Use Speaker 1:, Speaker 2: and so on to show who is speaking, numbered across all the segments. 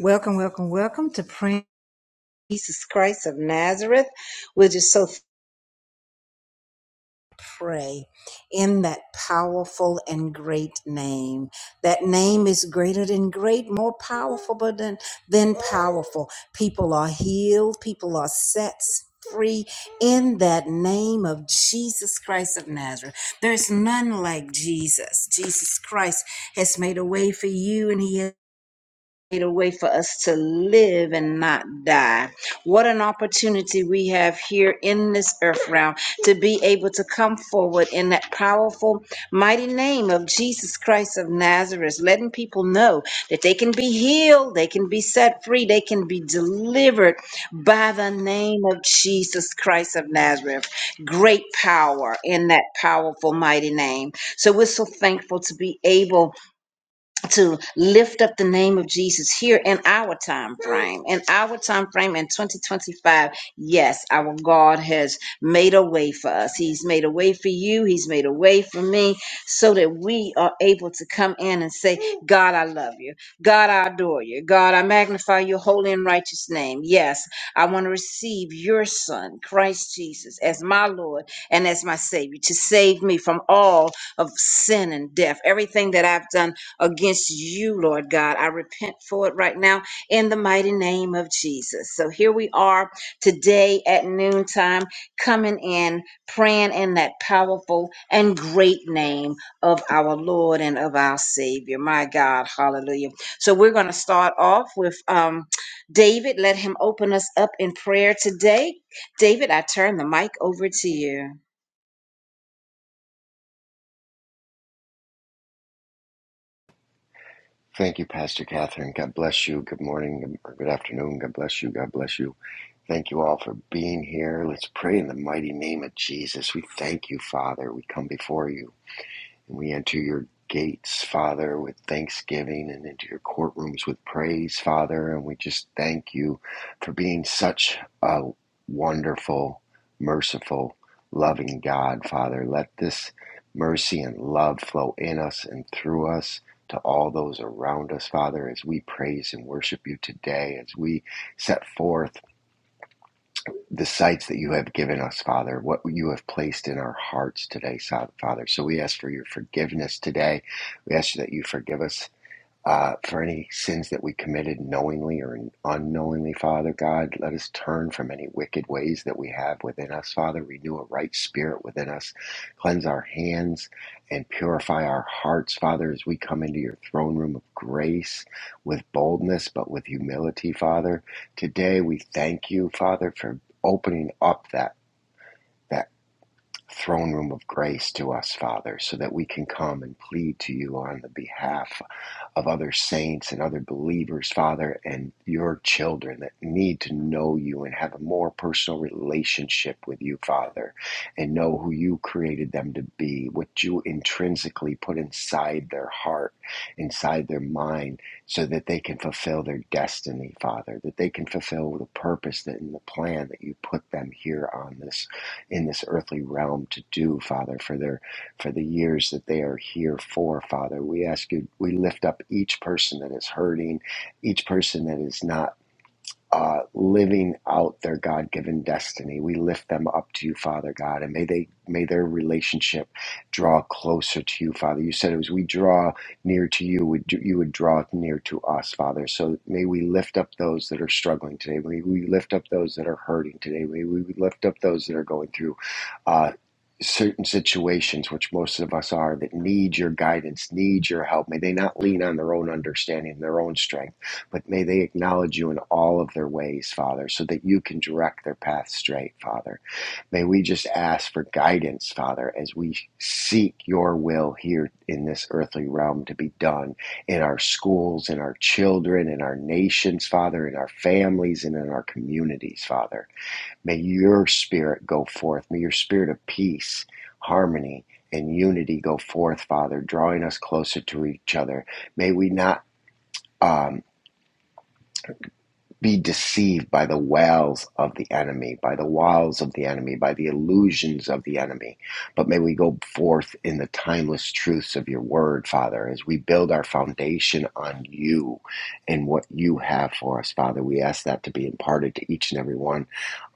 Speaker 1: Welcome, welcome, welcome to praying Jesus Christ of Nazareth. We're just so pray in that powerful and great name. That name is greater than great, more powerful but than, than powerful. People are healed, people are set free in that name of Jesus Christ of Nazareth. There's none like Jesus. Jesus Christ has made a way for you and he has a way for us to live and not die. What an opportunity we have here in this earth realm to be able to come forward in that powerful, mighty name of Jesus Christ of Nazareth, letting people know that they can be healed, they can be set free, they can be delivered by the name of Jesus Christ of Nazareth. Great power in that powerful, mighty name. So we're so thankful to be able to lift up the name of Jesus here in our time frame. In our time frame in 2025, yes, our God has made a way for us. He's made a way for you. He's made a way for me so that we are able to come in and say, God, I love you. God, I adore you. God, I magnify your holy and righteous name. Yes, I want to receive your son, Christ Jesus, as my Lord and as my Savior to save me from all of sin and death, everything that I've done against you, Lord God. I repent for it right now in the mighty name of Jesus. So here we are today at noontime, coming in, praying in that powerful and great name of our Lord and of our Savior. My God, hallelujah. So we're going to start off with um, David. Let him open us up in prayer today. David, I turn the mic over to you.
Speaker 2: Thank you, Pastor Catherine. God bless you. Good morning good- or good afternoon. God bless you. God bless you. Thank you all for being here. Let's pray in the mighty name of Jesus. We thank you, Father. We come before you. And we enter your gates, Father, with thanksgiving and into your courtrooms with praise, Father. And we just thank you for being such a wonderful, merciful, loving God, Father. Let this mercy and love flow in us and through us. To all those around us, Father, as we praise and worship you today, as we set forth the sights that you have given us, Father, what you have placed in our hearts today, Father. So we ask for your forgiveness today. We ask that you forgive us uh, for any sins that we committed knowingly or unknowingly, Father God. Let us turn from any wicked ways that we have within us, Father. Renew a right spirit within us. Cleanse our hands and purify our hearts, Father, as we come into your throne room of grace with boldness, but with humility, Father. Today we thank you, Father, for opening up that. that Throne room of grace to us, Father, so that we can come and plead to you on the behalf, of other saints and other believers, Father, and your children that need to know you and have a more personal relationship with you, Father, and know who you created them to be, what you intrinsically put inside their heart, inside their mind, so that they can fulfill their destiny, Father, that they can fulfill the purpose that, and the plan that you put them here on this, in this earthly realm to do, Father, for their for the years that they are here for, Father. We ask you, we lift up each person that is hurting, each person that is not uh, living out their God-given destiny. We lift them up to you, Father God, and may they may their relationship draw closer to you, Father. You said it was we draw near to you, would you would draw near to us, Father. So may we lift up those that are struggling today. May we lift up those that are hurting today. May we lift up those that are going through uh, certain situations, which most of us are, that need your guidance, need your help. May they not lean on their own understanding, their own strength but may they acknowledge you in all of their ways, Father, so that you can direct their path straight, Father. May we just ask for guidance, Father, as we seek your will here in this earthly realm to be done in our schools, in our children, in our nations, Father, in our families, and in our communities, Father. May your spirit go forth. May your spirit of peace, harmony, and unity go forth, Father, drawing us closer to each other. May we not. Um, be deceived by the wiles of the enemy, by the wiles of the enemy, by the illusions of the enemy. But may we go forth in the timeless truths of your word, Father, as we build our foundation on you and what you have for us, Father. We ask that to be imparted to each and every one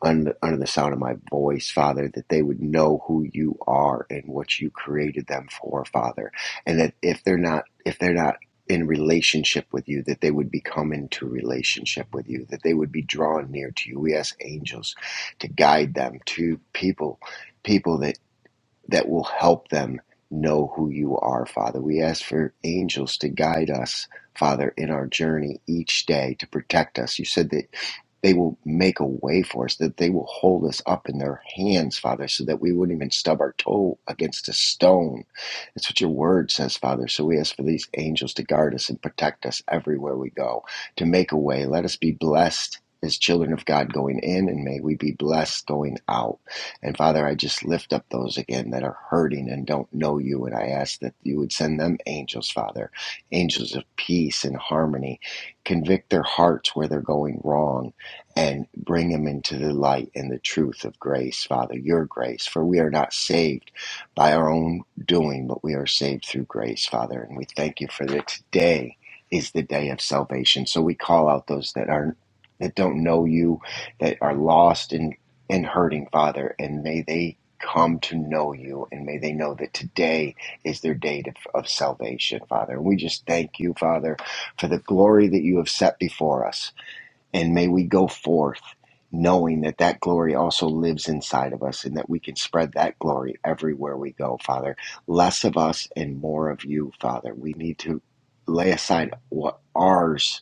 Speaker 2: under, under the sound of my voice, Father, that they would know who you are and what you created them for, Father. And that if they're not, if they're not in relationship with you, that they would become into relationship with you, that they would be drawn near to you. We ask angels to guide them to people, people that, that will help them know who you are, Father. We ask for angels to guide us, Father, in our journey each day to protect us. You said that. They will make a way for us, that they will hold us up in their hands, Father, so that we wouldn't even stub our toe against a stone. That's what your word says, Father. So we ask for these angels to guard us and protect us everywhere we go, to make a way. Let us be blessed. As children of God going in, and may we be blessed going out. And Father, I just lift up those again that are hurting and don't know you, and I ask that you would send them angels, Father, angels of peace and harmony. Convict their hearts where they're going wrong and bring them into the light and the truth of grace, Father, your grace. For we are not saved by our own doing, but we are saved through grace, Father. And we thank you for that today is the day of salvation. So we call out those that are that don't know you, that are lost and, and hurting, Father, and may they come to know you and may they know that today is their day of, of salvation, Father. And we just thank you, Father, for the glory that you have set before us. And may we go forth knowing that that glory also lives inside of us and that we can spread that glory everywhere we go, Father. Less of us and more of you, Father. We need to lay aside what ours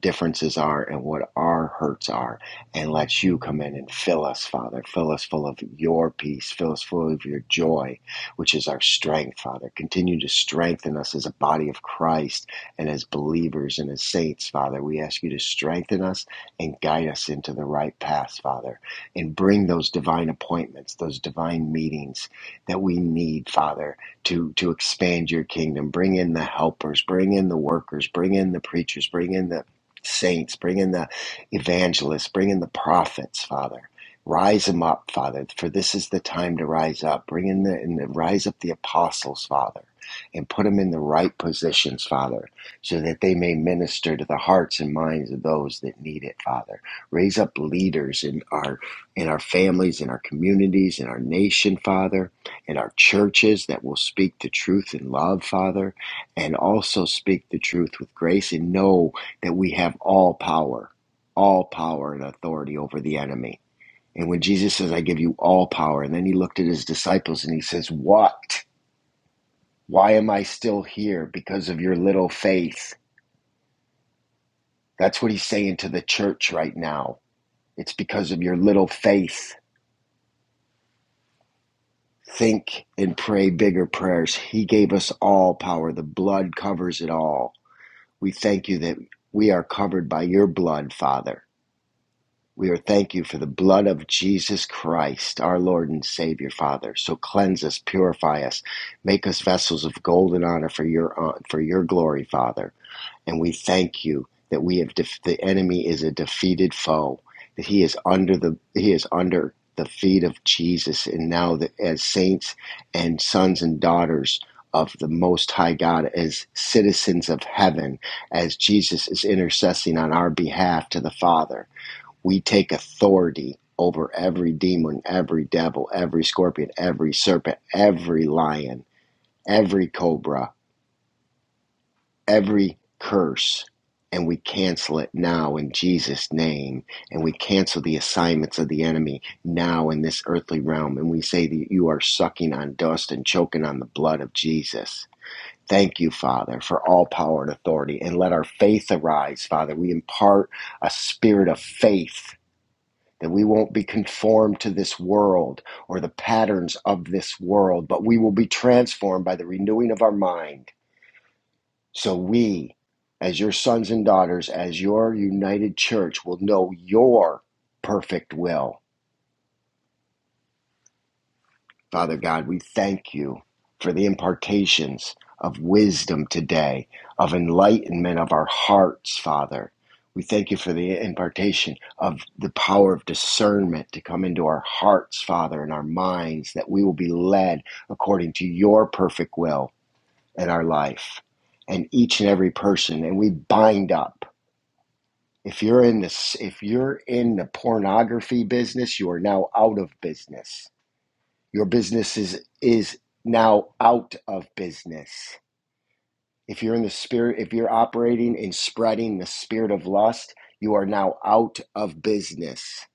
Speaker 2: differences are and what our hurts are, and let you come in and fill us, Father. Fill us full of your peace. Fill us full of your joy, which is our strength, Father. Continue to strengthen us as a body of Christ and as believers and as saints, Father. We ask you to strengthen us and guide us into the right path, Father, and bring those divine appointments, those divine meetings that we need, Father, to to expand your kingdom bring in the helpers bring in the workers bring in the preachers bring in the saints, bring in the evangelists, bring in the prophets, Father. Rise them up, Father, for this is the time to rise up. Bring in the and the- rise up the apostles, Father, and put them in the right positions, Father, so that they may minister to the hearts and minds of those that need it, Father. Raise up leaders in our in our families, in our communities, in our nation, Father, in our churches that will speak the truth in love, Father, and also speak the truth with grace and know that we have all power, all power and authority over the enemy. And when Jesus says, I give you all power, and then he looked at his disciples and he says, What? Why am I still here? Because of your little faith. That's what he's saying to the church right now. It's because of your little faith. Think and pray bigger prayers. He gave us all power. The blood covers it all. We thank you that we are covered by your blood, Father We are thank you for the blood of Jesus Christ, our Lord and Savior, Father. So cleanse us, purify us, make us vessels of gold and honor for your uh, for your glory, Father. And we thank you that we have def- the enemy is a defeated foe, that he is under the he is under the feet of Jesus, and now that as saints and sons and daughters of the Most High God, as citizens of heaven, as Jesus is intercessing on our behalf to the Father we take authority over every demon, every devil, every scorpion, every serpent, every lion, every cobra, every curse, and we cancel it now in Jesus' name. And we cancel the assignments of the enemy now in this earthly realm. And we say that you are sucking on dust and choking on the blood of Jesus. Thank you, Father, for all power and authority. And let our faith arise, Father. We impart a spirit of faith that we won't be conformed to this world or the patterns of this world, but we will be transformed by the renewing of our mind. So we, as your sons and daughters, as your united church, will know your perfect will Father God, we thank you for the impartations of wisdom today, of enlightenment of our hearts, Father. We thank you for the impartation of the power of discernment to come into our hearts, Father, and our minds, that we will be led according to your perfect will in our life and each and every person. And we bind up. If you're in this, if you're in the pornography business, you are now out of business your business is is now out of business. If you're in the spirit, if you're operating and spreading the spirit of lust, you are now out of business.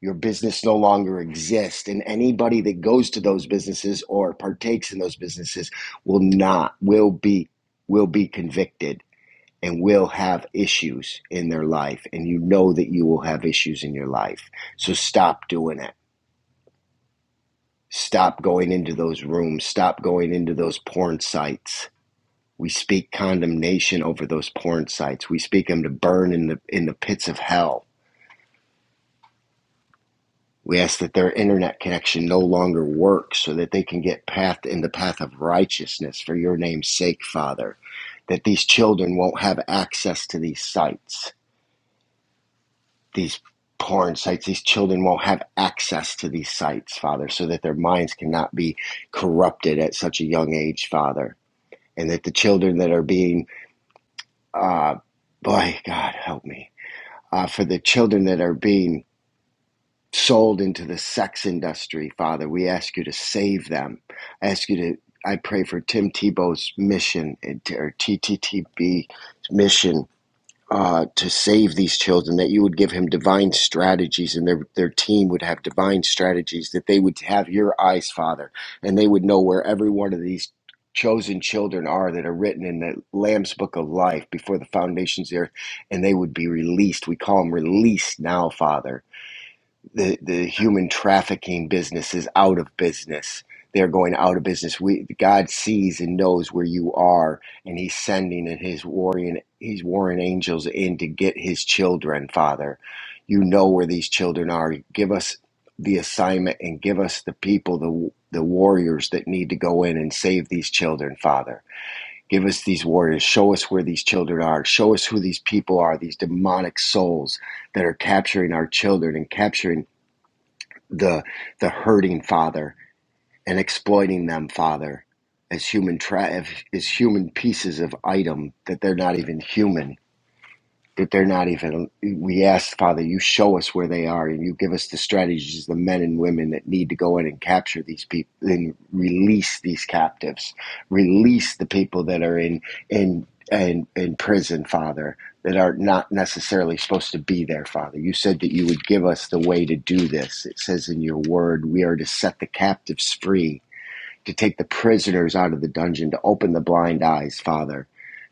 Speaker 2: Your business no longer exists, and anybody that goes to those businesses or partakes in those businesses will not will be will be convicted and will have issues in their life. And you know that you will have issues in your life. So stop doing it Stop going into those rooms. Stop going into those porn sites. We speak condemnation over those porn sites. We speak them to burn in the in the pits of hell. We ask that their internet connection no longer works, so that they can get path in the path of righteousness for your name's sake, Father. That these children won't have access to these sites. These porn sites, these children won't have access to these sites, Father, so that their minds cannot be corrupted at such a young age, Father and that the children that are being, uh, boy, God help me, uh, for the children that are being sold into the sex industry, Father, we ask you to save them. I ask you to, I pray for Tim Tebow's mission and- or TTTB mission uh, to save these children, that you would give him divine strategies and their, their team would have divine strategies, that they would have your eyes, Father, and they would know where every one of these chosen children are that are written in the Lamb's Book of Life before the foundations of earth, and they would be released. We call them released now, Father the the human trafficking business is out of business. They're going out of business. We God sees and knows where you are, and He's sending in His warring He's warring angels in to get His children. Father, you know where these children are. Give us the assignment and give us the people, the the warriors that need to go in and save these children. Father, give us these warriors. Show us where these children are. Show us who these people are. These demonic souls that are capturing our children and capturing the the hurting father and exploiting them father as human tra- as human pieces of item that they're not even human that they're not even we ask father you show us where they are and you give us the strategies the men and women that need to go in and capture these people and release these captives release the people that are in in in, in prison father that are not necessarily supposed to be there father you said that you would give us the way to do this it says in your word we are to set the captives free to take the prisoners out of the dungeon to open the blind eyes father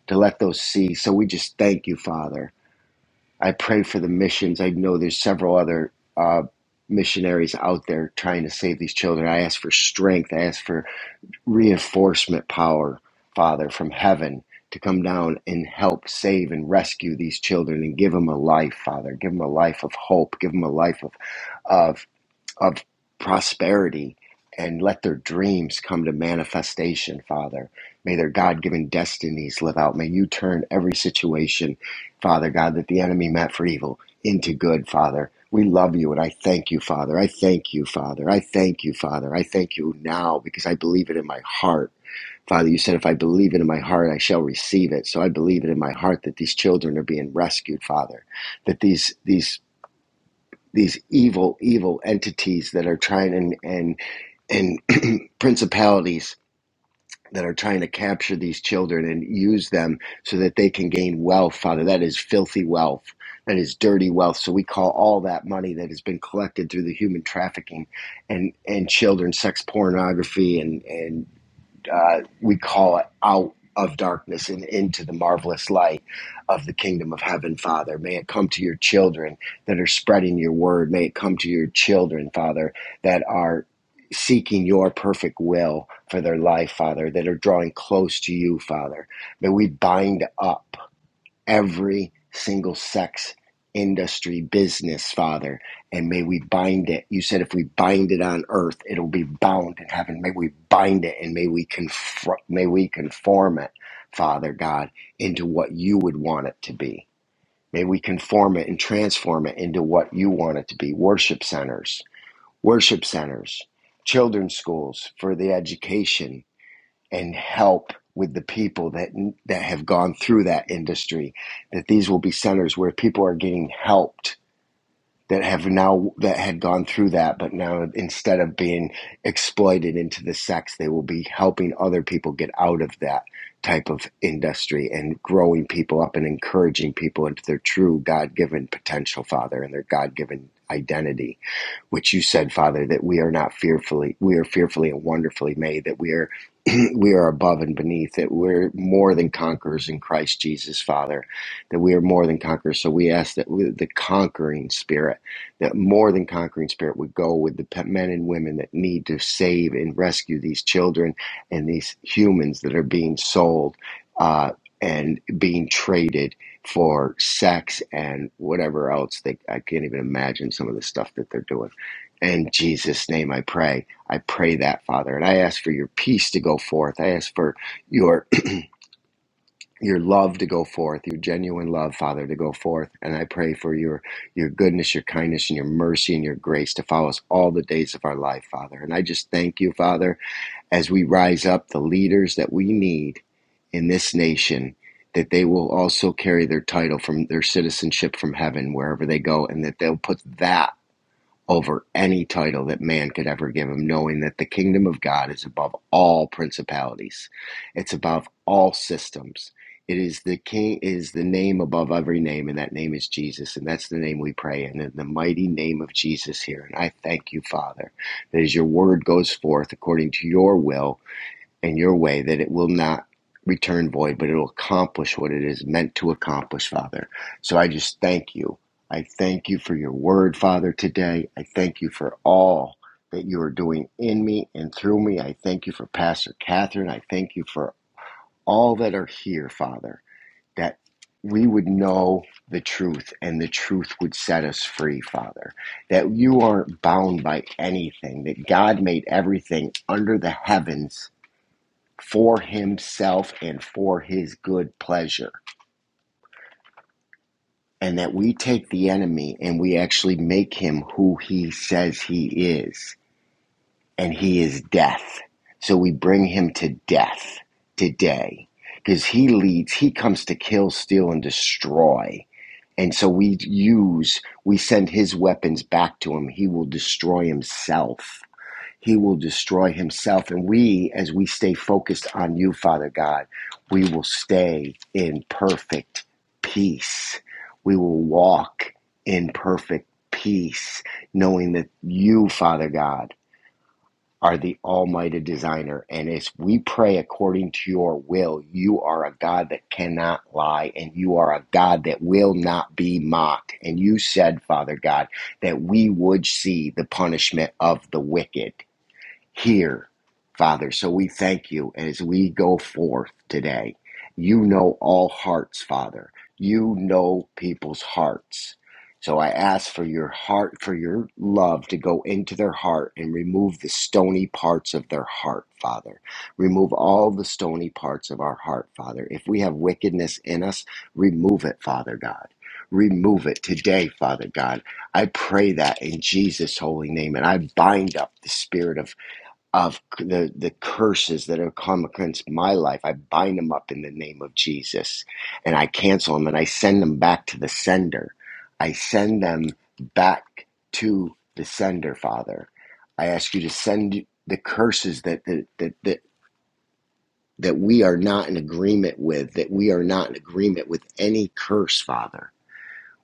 Speaker 2: to let those see so we just thank you father I pray for the missions. I know there's several other uh, missionaries out there trying to save these children. I ask for strength. I ask for reinforcement power, Father, from heaven to come down and help save and rescue these children and give them a life, Father. Give them a life of hope. Give them a life of, of of prosperity and let their dreams come to manifestation, Father. May their God given destinies live out. May you turn every situation, Father God, that the enemy meant for evil into good, Father. We love you and I thank you, Father. I thank you, Father. I thank you, Father. I thank you now because I believe it in my heart. Father, you said if I believe it in my heart, I shall receive it. So I believe it in my heart that these children are being rescued, Father. That these these these evil, evil entities that are trying and and and principalities that are trying to capture these children and use them so that they can gain wealth, Father. That is filthy wealth. That is dirty wealth. So we call all that money that has been collected through the human trafficking and, and children, sex pornography and, and uh, we call it out of darkness and into the marvelous light of the kingdom of heaven, Father. May it come to your children that are spreading your word. May it come to your children, Father, that are seeking your perfect will for their life, Father, that are drawing close to you, Father. May we bind up every single sex industry business, Father. And may we bind it. You said if we bind it on earth, it'll be bound in heaven. May we bind it and may we confront, may we conform it, Father God, into what you would want it to be. May we conform it and transform it into what you want it to be. Worship centers, worship centers, children's schools for the education, and help with the people that that have gone through that industry that these will be centers where people are getting helped that have now that had gone through that but now instead of being exploited into the sex they will be helping other people get out of that type of industry and growing people up and encouraging people into their true god-given potential father and their god-given identity which you said, Father, that we are not fearfully, we are fearfully and wonderfully made, that we are we are above and beneath, that we're more than conquerors in Christ Jesus, Father, that we are more than conquerors. So we ask that we, the conquering spirit, that more than conquering spirit would go with the men and women that need to save and rescue these children and these humans that are being sold uh, and being traded for sex and whatever else. They, I can't even imagine some of the stuff that they're doing. In Jesus' name I pray. I pray that, Father. And I ask for your peace to go forth. I ask for your your love to go forth, your genuine love, Father, to go forth. And I pray for your your goodness, your kindness, and your mercy and your grace to follow us all the days of our life, Father. And I just thank you, Father, as we rise up the leaders that we need in this nation. That they will also carry their title from their citizenship from heaven wherever they go, and that they'll put that over any title that man could ever give him, knowing that the kingdom of God is above all principalities. It's above all systems. It is the king is the name above every name, and that name is Jesus, and that's the name we pray in, in the mighty name of Jesus here. And I thank you, Father, that as your word goes forth according to your will, in your way that it will not return void, but it'll accomplish what it is meant to accomplish, Father. So I just thank you. I thank you for your word, Father, today. I thank you for all that you are doing in me and through me. I thank you for Pastor Catherine. I thank you for all that are here, Father, that we would know the truth and the truth would set us free, Father. That you aren't bound by anything, that God made everything under the heavens for himself and for his good pleasure. And that we take the enemy and we actually make him who he says he is. And he is death. So we bring him to death today. Because he leads, he comes to kill, steal, and destroy. And so we use, we send his weapons back to him. He will destroy himself He will destroy himself. And we, as we stay focused on you, Father God, we will stay in perfect peace. We will walk in perfect peace, knowing that you, Father God, are the Almighty Designer. And as we pray according to your will, you are a God that cannot lie, and you are a God that will not be mocked. And you said, Father God, that we would see the punishment of the wicked here, Father. So we thank you as we go forth today. You know all hearts, Father. You know people's hearts. So I ask for your heart, for your love to go into their heart and remove the stony parts of their heart, Father. Remove all the stony parts of our heart, Father. If we have wickedness in us, remove it, Father God. Remove it today, Father God. I pray that in Jesus' holy name. And I bind up the spirit of of the, the curses that have come against my life. I bind them up in the name of Jesus and I cancel them and I send them back to the sender. I send them back to the sender, Father. I ask you to send the curses that, that, that, that, that we are not in agreement with, that we are not in agreement with any curse, Father.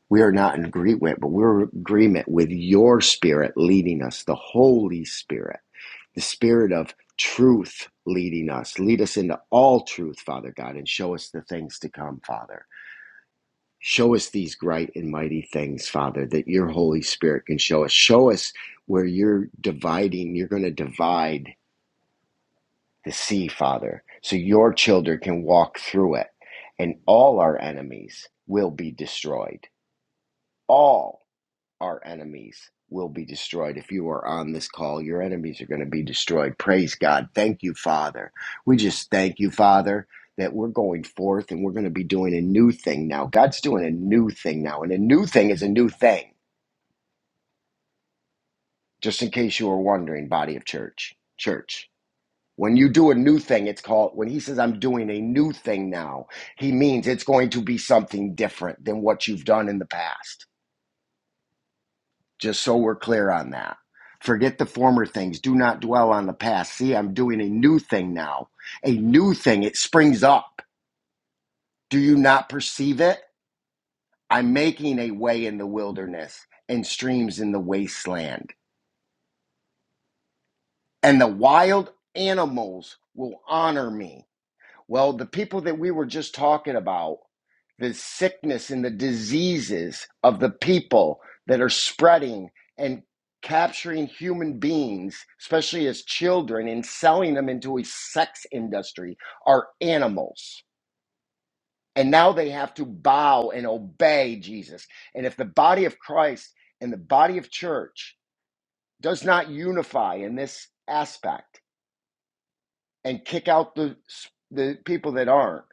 Speaker 2: We are not in agreement, but we're in agreement with your spirit leading us, the Holy Spirit the spirit of truth leading us. Lead us into all truth, Father God, and show us the things to come, Father. Show us these great and mighty things, Father, that your Holy Spirit can show us. Show us where you're dividing, you're going to divide the sea, Father, so your children can walk through it and all our enemies will be destroyed. All. our enemies will be destroyed. If you are on this call, your enemies are going to be destroyed. Praise God. Thank you, Father. We just thank you, Father, that we're going forth and we're going to be doing a new thing now. God's doing a new thing now, and a new thing is a new thing. Just in case you were wondering, body of church, church. When you do a new thing, it's called, when he says, I'm doing a new thing now, he means it's going to be something different than what you've done in the past. just so we're clear on that. Forget the former things. Do not dwell on the past. See, I'm doing a new thing now. A new thing. It springs up. Do you not perceive it? I'm making a way in the wilderness and streams in the wasteland. And the wild animals will honor me. Well, the people that we were just talking about, the sickness and the diseases of the people that are spreading and capturing human beings, especially as children, and selling them into a sex industry are animals. And now they have to bow and obey Jesus. And if the body of Christ and the body of church does not unify in this aspect and kick out the, the people that aren't,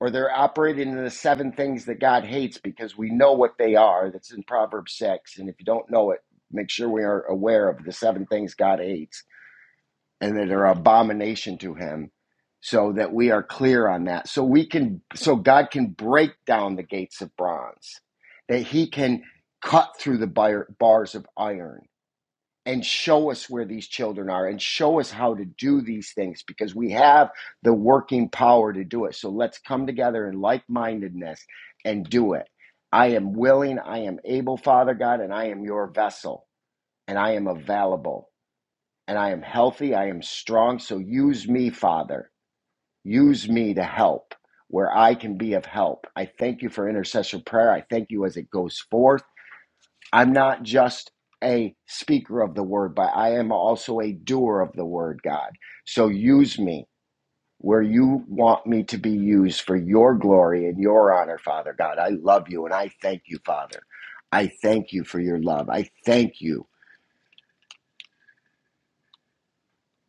Speaker 2: or they're operating in the seven things that God hates because we know what they are. That's in Proverbs 6. And if you don't know it, make sure we are aware of the seven things God hates and that are abomination to him so that we are clear on that. So we can so God can break down the gates of bronze. That he can cut through the bar- bars of iron and show us where these children are and show us how to do these things because we have the working power to do it. So let's come together in like mindedness and do it. I am willing, I am able, Father God, and I am your vessel, and I am available, and I am healthy, I am strong. So use me, Father. Use me to help where I can be of help. I thank you for intercessor prayer. I thank you as it goes forth. I'm not just a speaker of the word, but I am also a doer of the word, God. So use me where you want me to be used for your glory and your honor, Father God. I love you and I thank you, Father. I thank you for your love. I thank you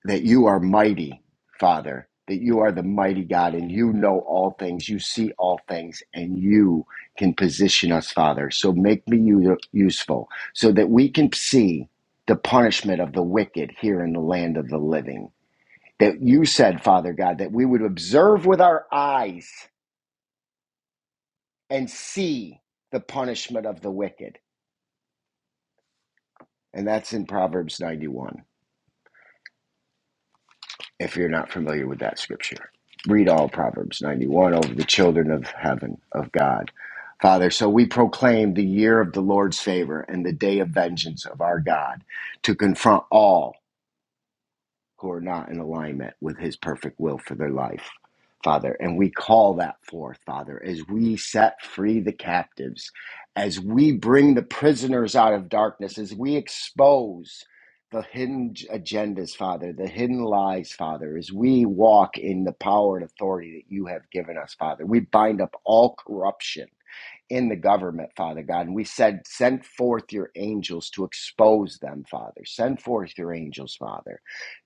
Speaker 2: that you are mighty, Father, that you are the mighty God and you know all things, you see all things, and you can position us, Father. So make me u- useful so that we can see the punishment of the wicked here in the land of the living. That you said, Father God, that we would observe with our eyes and see the punishment of the wicked. And that's in Proverbs 91. if you're not familiar with that scripture. Read all Proverbs 91 over the children of heaven, of God. Father, so we proclaim the year of the Lord's favor and the day of vengeance of our God to confront all who are not in alignment with his perfect will for their life, Father. And we call that forth, Father, as we set free the captives, as we bring the prisoners out of darkness, as we expose the hidden agendas, Father, the hidden lies, Father, as we walk in the power and authority that you have given us, Father. We bind up all corruption in the government, Father God. And we said, send forth your angels to expose them, Father. Send forth your angels, Father.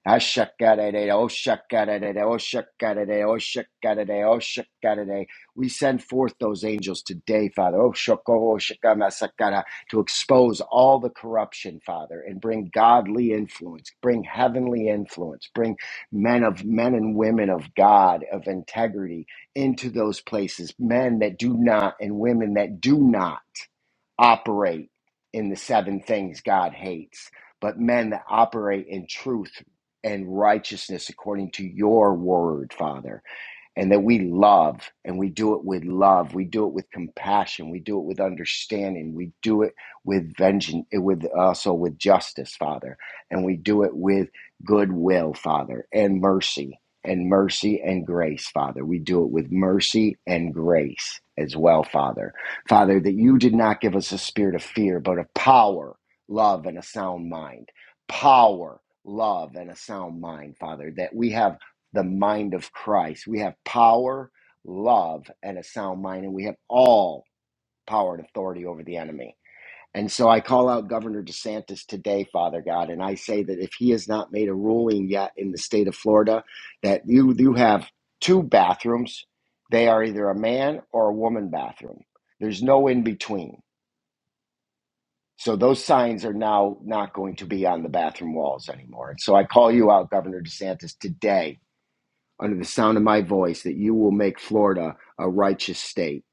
Speaker 2: Ashakadade, oshakadade, oshakadade, oshakadade, oshakadade. We send forth those angels today, Father, Oshoko, oshakamasakara, to expose all the corruption, Father, and bring godly influence, bring heavenly influence, bring men of men and women of God, of integrity, into those places, men that do not and women that do not operate in the seven things God hates, but men that operate in truth and righteousness according to your word, Father and that we love and we do it with love we do it with compassion we do it with understanding we do it with vengeance eh, with also with justice father and we do it with goodwill father and mercy and mercy and grace father we do it with mercy and grace as well father father that you did not give us a spirit of fear but of power love and a sound mind power love and a sound mind father that we have the mind of Christ. We have power, love, and a sound mind, and we have all power and authority over the enemy. And so I call out Governor DeSantis today, Father God, and I say that if he has not made a ruling yet in the state of Florida, that you you have two bathrooms. They are either a man or a woman bathroom. There's no in between. So those signs are now not going to be on the bathroom walls anymore. And so I call you out, Governor DeSantis, today under the sound of my voice that you will make Florida a righteous state.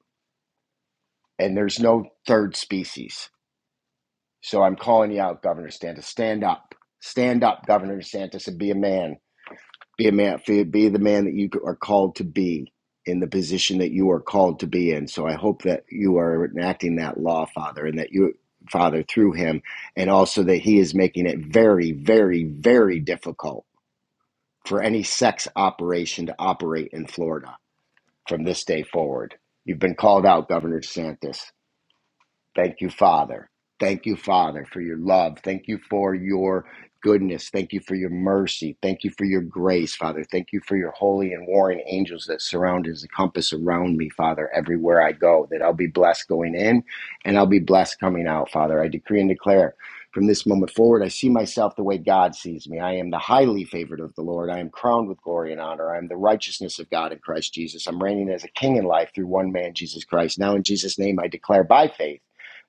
Speaker 2: And there's no third species. So I'm calling you out, Governor DeSantis. Stand up. Stand up, Governor DeSantis, and be a man. Be a man. Be the man that you are called to be in the position that you are called to be in. So I hope that you are enacting that law, Father, and that you, Father, through him, and also that he is making it very, very, very difficult for any sex operation to operate in Florida from this day forward. You've been called out, Governor DeSantis. Thank you, Father. Thank you, Father, for your love. Thank you for your goodness. Thank you for your mercy. Thank you for your grace, Father. Thank you for your holy and warring angels that surround as a compass around me, Father, everywhere I go, that I'll be blessed going in and I'll be blessed coming out, Father. I decree and declare from this moment forward, I see myself the way God sees me. I am the highly favored of the Lord. I am crowned with glory and honor. I am the righteousness of God in Christ Jesus. I'm reigning as a king in life through one man, Jesus Christ. Now, in Jesus' name, I declare by faith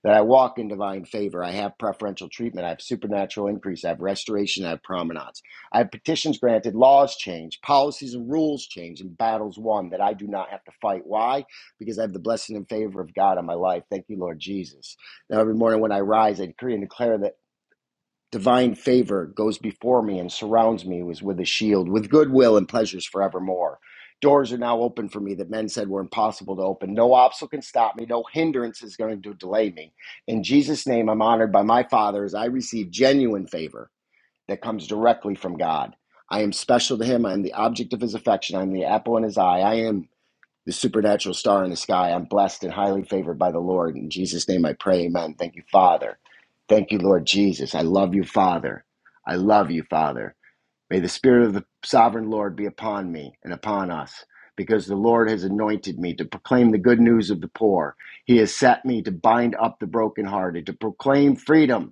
Speaker 2: that I walk in divine favor. I have preferential treatment. I have supernatural increase. I have restoration. I have prominence. I have petitions granted, laws changed, policies and rules changed, and battles won that I do not have to fight. Why? Because I have the blessing and favor of God on my life. Thank you, Lord Jesus. Now, every morning when I rise, I decree and declare that. Divine favor goes before me and surrounds me as with a shield, with goodwill and pleasures forevermore. Doors are now open for me that men said were impossible to open. No obstacle can stop me. No hindrance is going to delay me. In Jesus' name, I'm honored by my Father as I receive genuine favor that comes directly from God. I am special to Him. I am the object of His affection. I am the apple in His eye. I am the supernatural star in the sky. I'm blessed and highly favored by the Lord. In Jesus' name I pray, amen. Thank you, Father. Thank you, Lord Jesus. I love you, Father. I love you, Father. May the Spirit of the sovereign Lord be upon me and upon us, because the Lord has anointed me to proclaim the good news of the poor. He has set me to bind up the brokenhearted, to proclaim freedom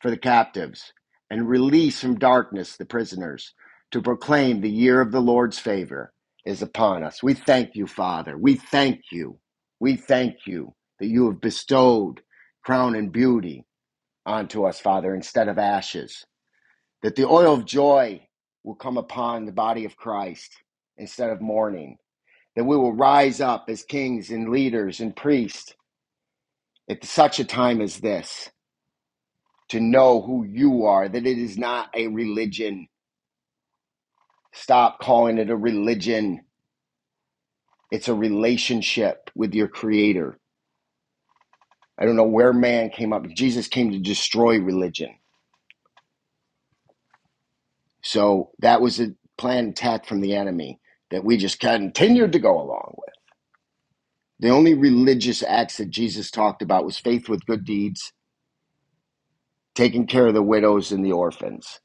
Speaker 2: for the captives, and release from darkness the prisoners, to proclaim the year of the Lord's favor is upon us. We thank you, Father. We thank you. We thank you that you have bestowed crown and beauty onto us, Father, instead of ashes, that the oil of joy will come upon the body of Christ instead of mourning, that we will rise up as kings and leaders and priests at such a time as this to know who you are, that it is not a religion. Stop calling it a religion. It's a relationship with your creator. I don't know where man came up. Jesus came to destroy religion. So that was a planned attack from the enemy that we just continued to go along with. The only religious acts that Jesus talked about was faith with good deeds, taking care of the widows and the orphans,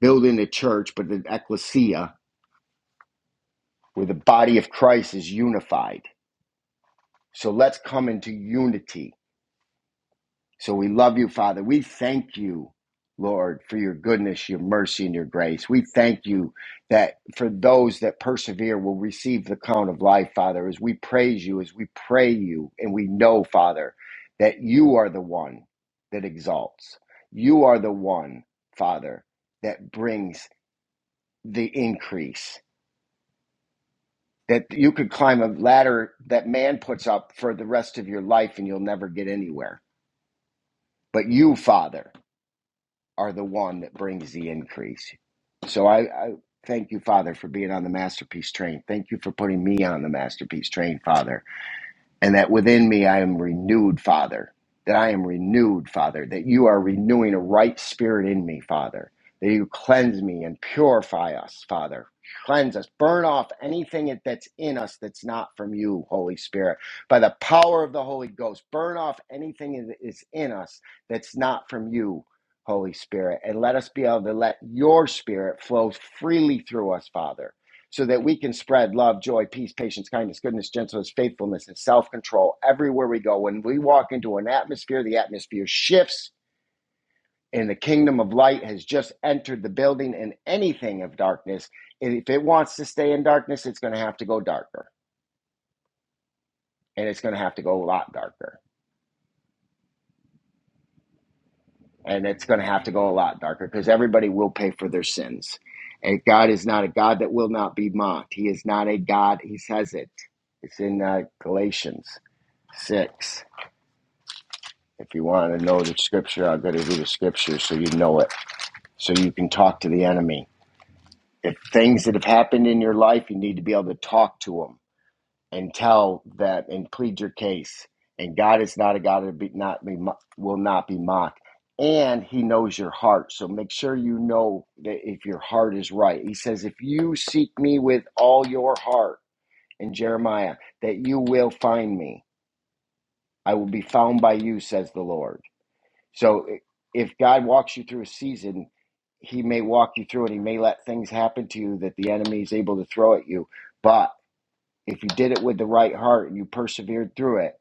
Speaker 2: building a church, but an ecclesia where the body of Christ is unified So let's come into unity. So we love you, Father. We thank you, Lord, for your goodness, your mercy, and your grace. We thank you that for those that persevere will receive the crown of life, Father, as we praise you, as we pray you, and we know, Father, that you are the one that exalts. You are the one, Father, that brings the increase. That you could climb a ladder that man puts up for the rest of your life and you'll never get anywhere but you, Father, are the one that brings the increase. So I, I thank you, Father, for being on the masterpiece train. Thank you for putting me on the masterpiece train, Father and that within me I am renewed, Father. That I am renewed, Father. That you are renewing a right spirit in me, Father. That you cleanse me and purify us, Father. Cleanse us. Burn off anything that's in us that's not from you, Holy Spirit. By the power of the Holy Ghost, burn off anything that is in us that's not from you, Holy Spirit. And let us be able to let your spirit flow freely through us, Father so that we can spread love, joy, peace, patience, kindness, goodness, gentleness, faithfulness, and self control everywhere we go. When we walk into an atmosphere, the atmosphere shifts, and the kingdom of light has just entered the building and anything of darkness. And if it wants to stay in darkness, it's going to have to go darker, and it's going to have to go a lot darker, and it's going to have to go a lot darker because everybody will pay for their sins. And God is not a God that will not be mocked. He is not a God, He says it. It's in uh, Galatians 6 If you want to know the scripture, I'll go to do the scripture so you know it, so you can talk to the enemy. If things that have happened in your life, you need to be able to talk to them and tell that and plead your case. And God is not a God that be, not be, will not be mocked. And he knows your heart. So make sure you know that if your heart is right. He says, If you seek me with all your heart in Jeremiah, that you will find me. I will be found by you, says the Lord. So if God walks you through a season, he may walk you through it. He may let things happen to you that the enemy is able to throw at you. But if you did it with the right heart and you persevered through it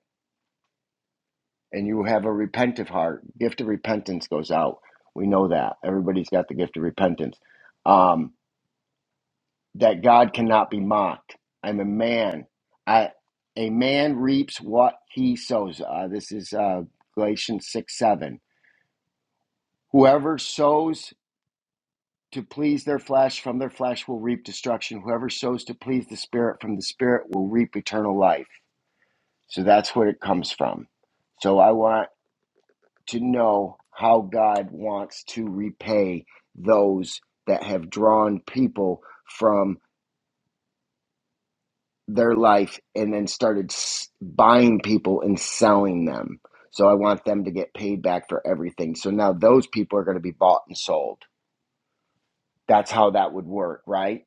Speaker 2: and you have a repentive heart, gift of repentance goes out. We know that. Everybody's got the gift of repentance. Um, that God cannot be mocked. I'm a man. I a man reaps what he sows. Uh, this is uh, Galatians 6 7. Whoever sows to please their flesh from their flesh will reap destruction whoever sows to please the spirit from the spirit will reap eternal life so that's where it comes from so i want to know how god wants to repay those that have drawn people from their life and then started buying people and selling them so i want them to get paid back for everything so now those people are going to be bought and sold that's how that would work right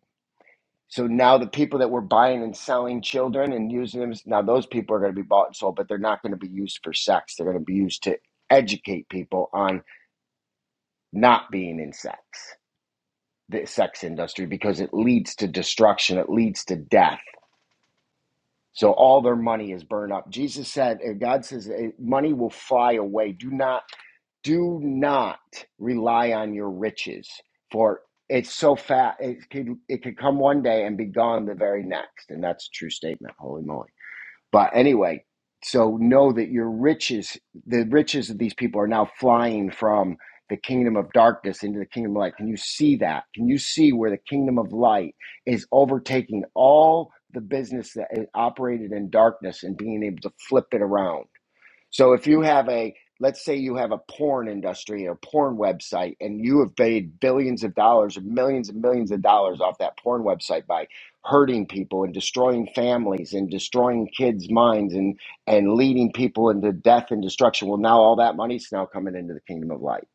Speaker 2: So now the people that were buying and selling children and using them, now those people are going to be bought and sold, but they're not going to be used for sex. They're going to be used to educate people on not being in sex, the sex industry, because it leads to destruction, it leads to death. So all their money is burned up. Jesus said, and God says, eh, money will fly away. Do not, do not rely on your riches, for it's so fat. It could, it could come one day and be gone the very next. And that's a true statement. Holy moly. But anyway, so know that your riches, the riches of these people are now flying from the kingdom of darkness into the kingdom of light. Can you see that? Can you see where the kingdom of light is overtaking all the business that it operated in darkness and being able to flip it around? So if you have a, let's say you have a porn industry or porn website, and you have made billions of dollars or millions and millions of dollars off that porn website by hurting people and destroying families and destroying kids' minds and and leading people into death and destruction. Well, now all that money's now coming into the kingdom of light.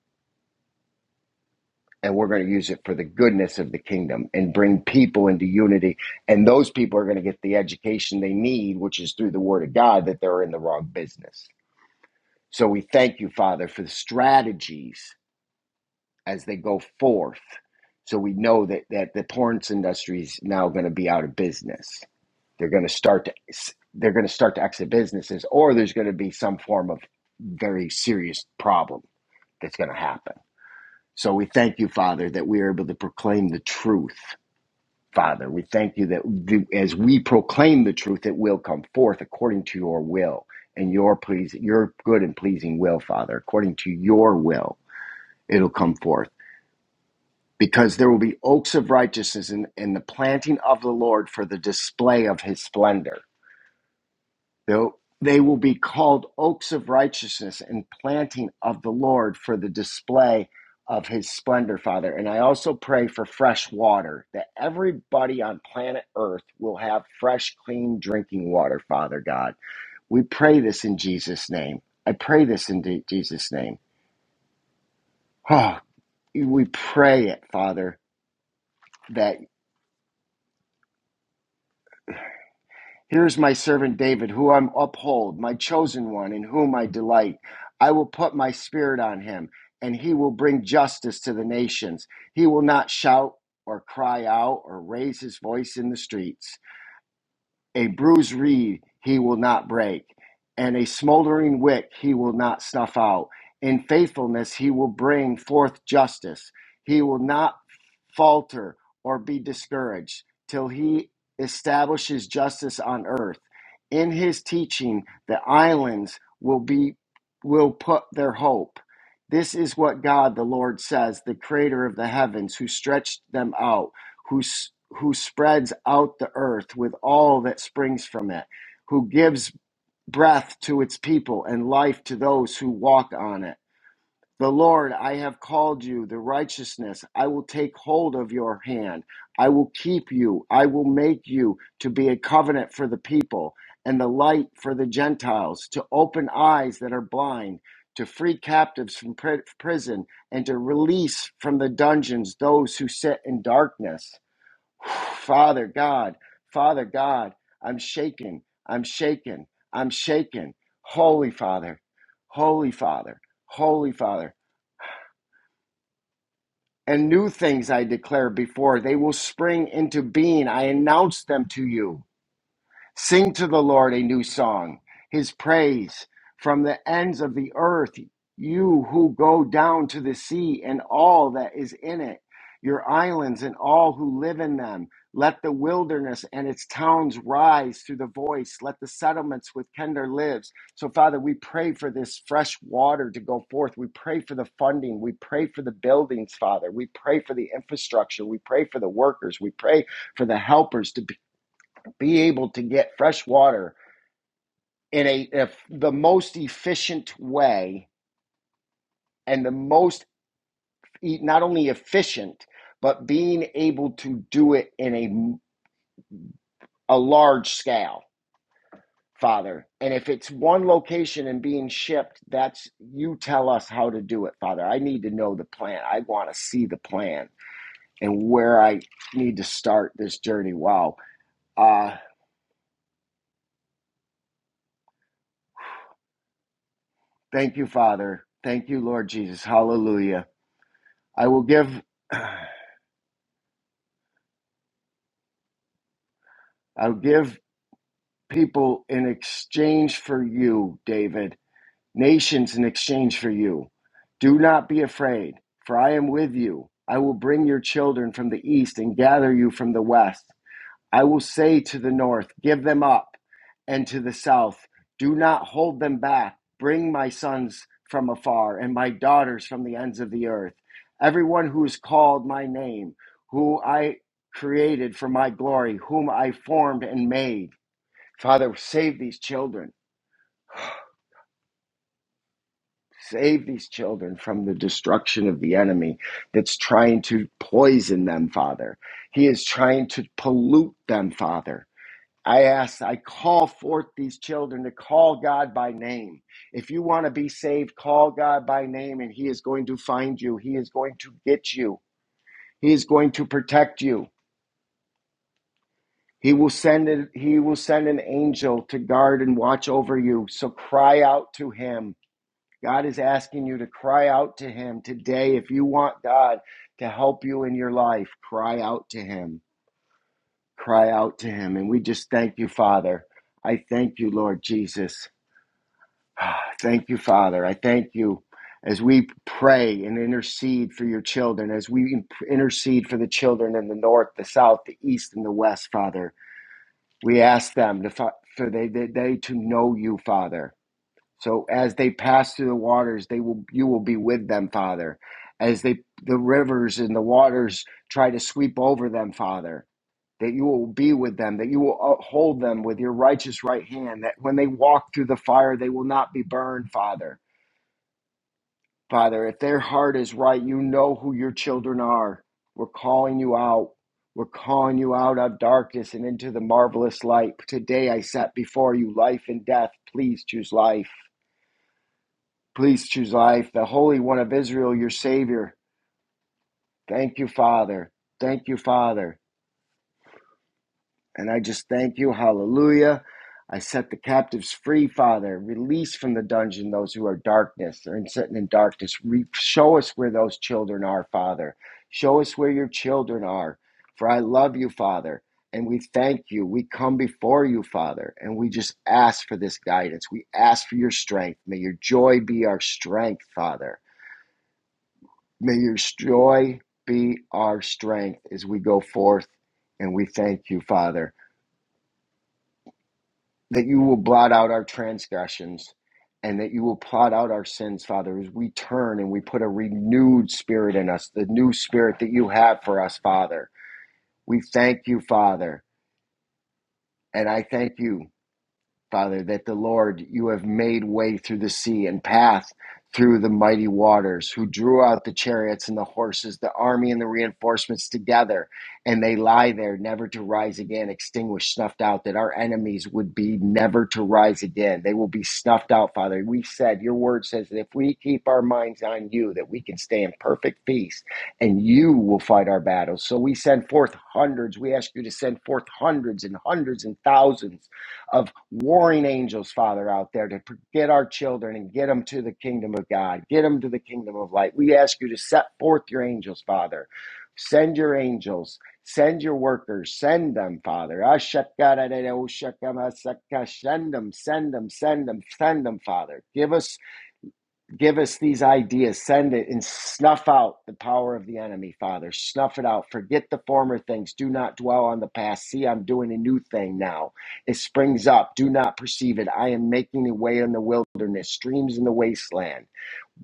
Speaker 2: And we're going to use it for the goodness of the kingdom and bring people into unity. And those people are going to get the education they need, which is through the word of God, that they're in the wrong business. So we thank you, Father, for the strategies as they go forth. So we know that, that the ports industry is now going to be out of business. They're going to start to they're going to start to exit businesses, or there's going to be some form of very serious problem that's going to happen. So we thank you, Father, that we are able to proclaim the truth Father, we thank you that th- as we proclaim the truth, it will come forth according to your will and your please, your good and pleasing will, Father. According to your will, it'll come forth because there will be oaks of righteousness in, in the planting of the Lord for the display of his splendor. Though they will be called oaks of righteousness and planting of the Lord for the display of his splendor, Father. And I also pray for fresh water, that everybody on planet Earth will have fresh, clean drinking water, Father God. We pray this in Jesus' name. I pray this in Jesus' name. Oh, we pray it, Father. that. Here's my servant David, who I uphold, my chosen one, in whom I delight. I will put my spirit on him, and he will bring justice to the nations. He will not shout or cry out or raise his voice in the streets. A bruised reed he will not break, and a smoldering wick he will not snuff out. In faithfulness he will bring forth justice. He will not falter or be discouraged till he establishes justice on earth. In his teaching, the islands will be will put their hope. This is what God the Lord says, the creator of the heavens, who stretched them out who, who spreads out the earth with all that springs from it, who gives breath to its people and life to those who walk on it. The Lord, I have called you the righteousness. I will take hold of your hand. I will keep you. I will make you to be a covenant for the people and the light for the Gentiles, to open eyes that are blind, to free captives from pri- prison, and to release from the dungeons those who sit in darkness. Father God, Father God, I'm shaken, I'm shaken, I'm shaken. Holy Father, Holy Father, Holy Father. And new things I declare before, they will spring into being. I announce them to you. Sing to the Lord a new song, his praise from the ends of the earth, you who go down to the sea and all that is in it, your islands and all who live in them. Let the wilderness and its towns rise through the voice. Let the settlements with tender lives. So, Father, we pray for this fresh water to go forth. We pray for the funding. We pray for the buildings, Father. We pray for the infrastructure. We pray for the workers. We pray for the helpers to be able to get fresh water in a if the most efficient way and the most e- not only efficient but being able to do it in a a large scale father and if it's one location and being shipped that's you tell us how to do it father i need to know the plan i want to see the plan and where i need to start this journey wow uh thank you father thank you lord jesus hallelujah i will give I'll give people in exchange for you, David, nations in exchange for you. Do not be afraid, for I am with you. I will bring your children from the east and gather you from the west. I will say to the north, Give them up, and to the south, Do not hold them back. Bring my sons from afar and my daughters from the ends of the earth. Everyone who is called my name, who I created for my glory, whom I formed and made. Father, save these children. Save these children from the destruction of the enemy that's trying to poison them, Father. He is trying to pollute them, Father. I ask, I call forth these children to call God by name. If you want to be saved, call God by name, and He is going to find you. He is going to get you. He is going to protect you. He will send it, He will send an angel to guard and watch over you. So cry out to Him God is asking you to cry out to Him today. If you want God to help you in your life, cry out to Him. Cry out to Him. And we just thank you, Father. I thank you, Lord Jesus. Ah, Thank you, Father. I thank you as we pray and intercede for your children, as we intercede for the children in the north, the south, the east, and the west, Father. We ask them to, for they, they, they to know you, Father. So as they pass through the waters, they will you will be with them, Father. As they the rivers and the waters try to sweep over them, Father, that you will be with them, that you will hold them with your righteous right hand, that when they walk through the fire, they will not be burned, Father. Father, if their heart is right, you know who your children are. We're calling you out. We're calling you out of darkness and into the marvelous light. Today I set before you life and death. Please choose life. Please choose life, the Holy One of Israel, your Savior. Thank you, Father. Thank you, Father. And I just thank you. Hallelujah. I set the captives free, Father. Release from the dungeon those who are darkness. They're sitting in darkness. Re- show us where those children are, Father. Show us where your children are. For I love you, Father. And we thank you. We come before you, Father. And we just ask for this guidance. We ask for your strength. May your joy be our strength, Father. May your joy be our strength as we go forth. And we thank you, Father, that you will blot out our transgressions and that you will blot out our sins, Father, as we turn and we put a renewed spirit in us, the new spirit that you have for us, Father. We thank you, Father. And I thank you. Father, that the Lord, you have made way through the sea and path through the mighty waters, who drew out the chariots and the horses, the army and the reinforcements together, and they lie there, never to rise again, extinguished, snuffed out, that our enemies would be never to rise again. They will be snuffed out, Father. We said, Your word says that if we keep our minds on you, that we can stay in perfect peace, and you will fight our battles. So we send forth hundreds. We ask you to send forth hundreds and hundreds and thousands of warring angels, Father, out there to get our children and get them to the kingdom of God, get them to the kingdom of light. We ask you to set forth your angels, Father. Send your angels, send your workers, send them, Father. Ashakadadada, oshakamasaka, Send them, send them, send them, send them, Father. Give us Give us these ideas, send it, and snuff out the power of the enemy, Father. Snuff it out. Forget the former things. Do not dwell on the past. See, I'm doing a new thing now. It springs up. Do not perceive it. I am making a way in the wilderness, streams in the wasteland.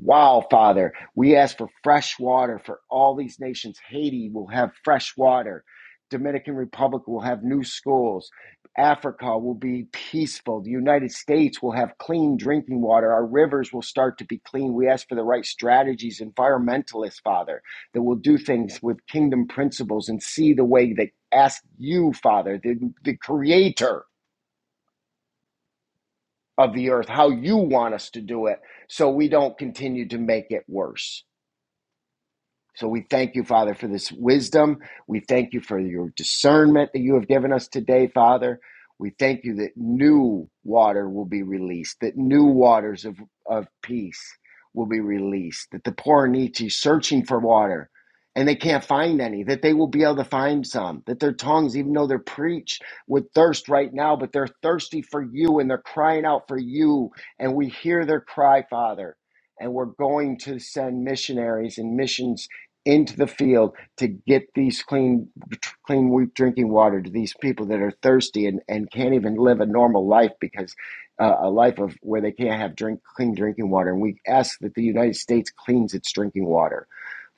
Speaker 2: Wow, Father, we ask for fresh water for all these nations. Haiti will have fresh water. Dominican Republic will have new schools. Africa will be peaceful. The United States will have clean drinking water. Our rivers will start to be clean. We ask for the right strategies, environmentalists, Father, that will do things with kingdom principles and see the way that ask you, Father, the, the creator of the earth, how you want us to do it so we don't continue to make it worse. So we thank you, Father, for this wisdom. We thank you for your discernment that you have given us today, Father. We thank you that new water will be released, that new waters of, of peace will be released, that the poor and needy searching for water and they can't find any, that they will be able to find some, that their tongues, even though they're preached with thirst right now, but they're thirsty for you and they're crying out for you. And we hear their cry, Father and we're going to send missionaries and missions into the field to get these clean, clean drinking water to these people that are thirsty and, and can't even live a normal life because uh, a life of where they can't have drink clean drinking water. And we ask that the United States cleans its drinking water,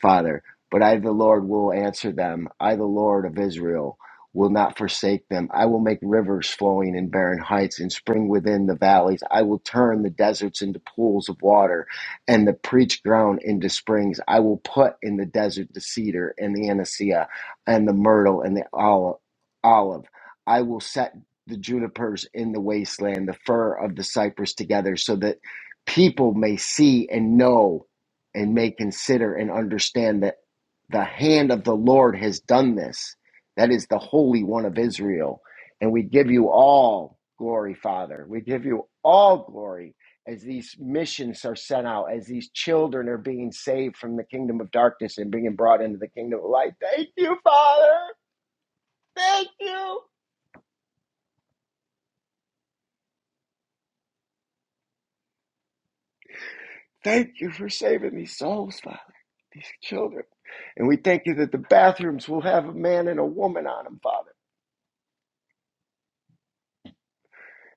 Speaker 2: Father. But I, the Lord, will answer them. I, the Lord of Israel, will not forsake them. I will make rivers flowing in barren heights and spring within the valleys. I will turn the deserts into pools of water and the preach ground into springs. I will put in the desert the cedar and the anisea and the myrtle and the olive. I will set the junipers in the wasteland, the fir of the cypress together, so that people may see and know and may consider and understand that the hand of the Lord has done this. That is the Holy One of Israel. And we give you all glory, Father. We give you all glory as these missions are sent out, as these children are being saved from the kingdom of darkness and being brought into the kingdom of light. Thank you, Father. Thank you. Thank you for saving these souls, Father, these children. And we thank you that the bathrooms will have a man and a woman on them, Father.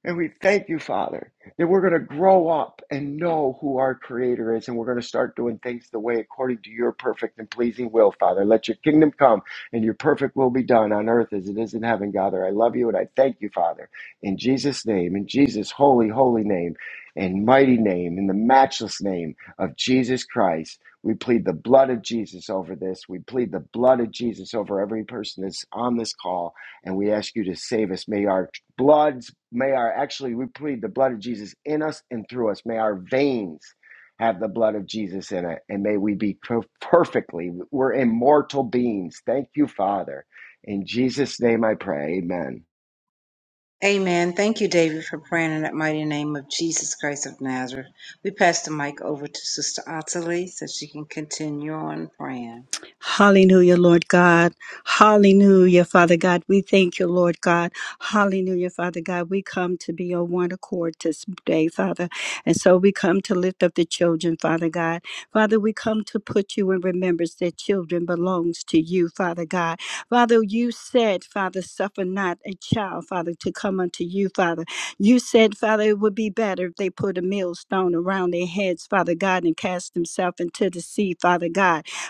Speaker 2: And we thank you, Father, that we're going to grow up and know who our Creator is, and we're going to start doing things the way according to your perfect and pleasing will, Father. Let your kingdom come and your perfect will be done on earth as it is in heaven, Father. I love you and I thank you, Father. In Jesus' name, in Jesus' holy, holy name, and mighty name, in the matchless name of Jesus Christ, we plead the blood of Jesus over this. We plead the blood of Jesus over every person that's on this call and we ask you to save us. May our bloods, may our, actually, we plead the blood of Jesus in us and through us. May our veins have the blood of Jesus in it. And may we be perfectly, we're immortal beings. Thank you, Father. In Jesus' name I pray. Amen.
Speaker 1: Amen. Thank you, David, for praying in that mighty name of Jesus Christ of Nazareth. We pass the mic over to Sister Ottilie so she can continue on praying.
Speaker 3: Hallelujah, Lord God. Hallelujah, Father God. We thank you, Lord God. Hallelujah, Father God. We come to be on one accord this day, Father. And so we come to lift up the children, Father God. Father, we come to put you in remembrance that children belongs to you, Father God. Father, you said, Father, suffer not a child, Father, to come unto you, Father. You said, Father, it would be better if they put a millstone around their heads, Father God, and cast themselves into the sea, Father God.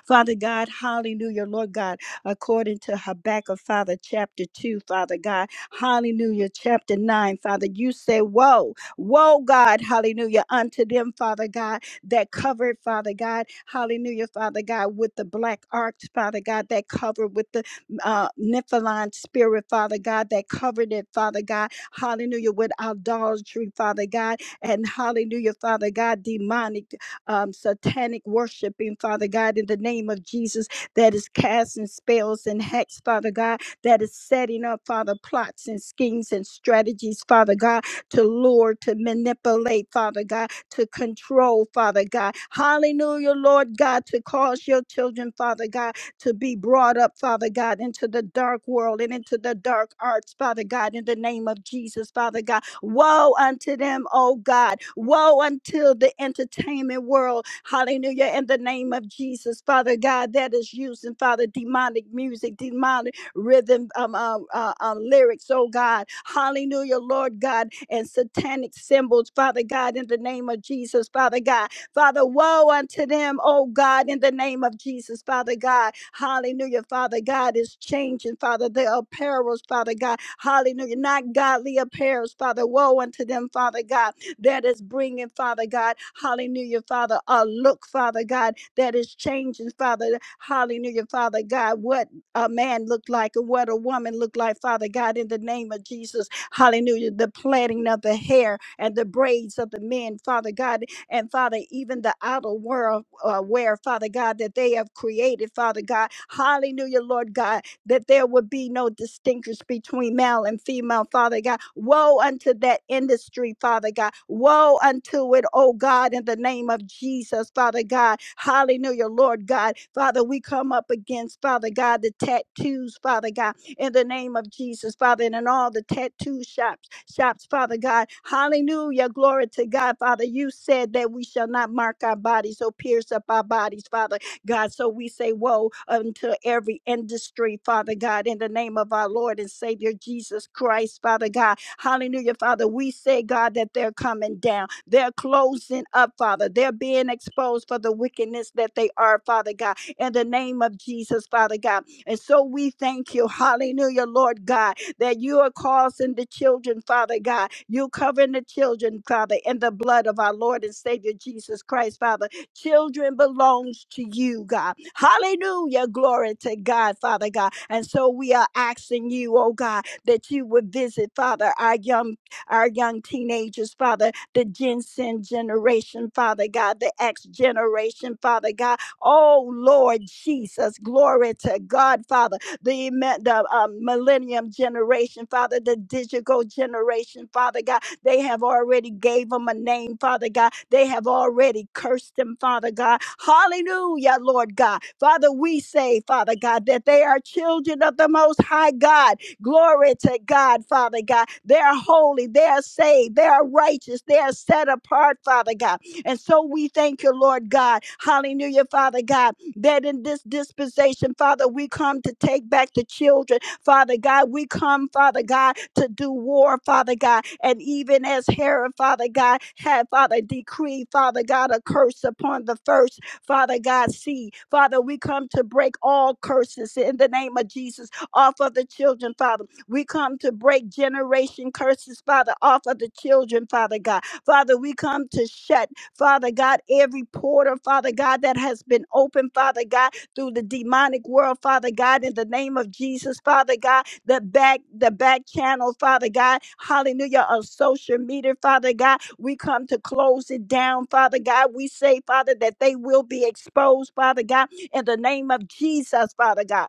Speaker 3: Father God, hallelujah, Lord God, according to Habakkuk, Father, chapter 2, Father God, hallelujah, chapter 9, Father, you say, Woe, woe, God, hallelujah, unto them, Father God, that covered, Father God, hallelujah, Father God, with the black arcs, Father God, that covered with the uh, Nephilim spirit, Father God, that covered it, Father God, hallelujah, with idolatry, Father God, and hallelujah, Father God, demonic um, satanic worshiping, Father God, in the name of Jesus, that is casting spells and hacks, Father God, that is setting up, Father, plots and schemes and strategies, Father God, to lure, to manipulate, Father God, to control, Father God. Hallelujah, Lord God, to cause your children, Father God, to be brought up, Father God, into the dark world and into the dark arts, Father God, in the name of Jesus, Father God. Woe unto them, oh God. Woe unto the entertainment world. Hallelujah. In the name of Jesus, Father God, that is using, Father, demonic music, demonic rhythm, um, uh, uh, uh, lyrics, oh God. Hallelujah, Lord God, and satanic symbols, Father God, in the name of Jesus, Father God. Father, woe unto them, oh God, in the name of Jesus, Father God. Hallelujah, Father God is changing, Father, their apparels, Father God. Hallelujah, not godly apparels, Father. Woe unto them, Father God, that is bringing, Father God. Hallelujah, Father, a look, Father God, that is changing, Father. Hallelujah, Father God, what a man looked like and what a woman looked like, Father God, in the name of Jesus. Hallelujah, the plaiting of the hair and the braids of the men, Father God and Father, even the outer world, uh, where Father God, that they have created, Father God, hallelujah, Lord God, that there would be no distinction between male and female, Father God. Woe unto that industry, Father God. Woe unto it, oh God, in the name of Jesus, Father God. Hallelujah, Lord God. Father, we come up against, Father God, the tattoos, Father God in the name of Jesus, Father, and in all the tattoo shops, shops, Father God. Hallelujah. Glory to God, Father. You said that we shall not mark our bodies or pierce up our bodies, Father God. So we say, Woe unto every industry, Father God, in the name of our Lord and Savior Jesus Christ, Father God. Hallelujah, Father. We say, God, that they're coming down. They're closing up, Father. They're being exposed for the wickedness that they are, Father God in the name of Jesus, Father God. And so we thank you, hallelujah, Lord God, that you are causing the children, Father God. You covering the children, Father, in the blood of our Lord and Savior Jesus Christ, Father. Children belongs to you, God. Hallelujah. Glory to God, Father God. And so we are asking you, oh God, that you would visit, Father, our young, our young teenagers, Father, the Gen Sin generation, Father God, the X generation, Father God. Oh, Lord Jesus, glory to God, Father. The, me- the um, millennium generation, Father, the digital generation, Father God, they have already gave them a name, Father God. They have already cursed them, Father God. Hallelujah, Lord God. Father, we say, Father God, that they are children of the Most High God. Glory to God, Father God. They are holy, they are saved, they are righteous, they are set apart, Father God. And so we thank you, Lord God. Hallelujah, Father God, that in this dispensation, Father, we come to take back the children. Father God, we come, Father God, to do war, Father God. And even as Herod, Father God, had, Father, decreed, Father God, a curse upon the first Father God, see. Father, we come to break all curses in the name of Jesus off of the children, Father. We come to break generation curses, Father, off of the children, Father God. Father, we come to shut. Father God, every portal, Father God, that has been opened, Father God, through the demonic world, Father God, in the name of Jesus, Father God, the back, the back channel, Father God, hallelujah, of social media, Father God, we come to close it down, Father God. We say, Father, that they will be exposed, Father God, in the name of Jesus, Father God.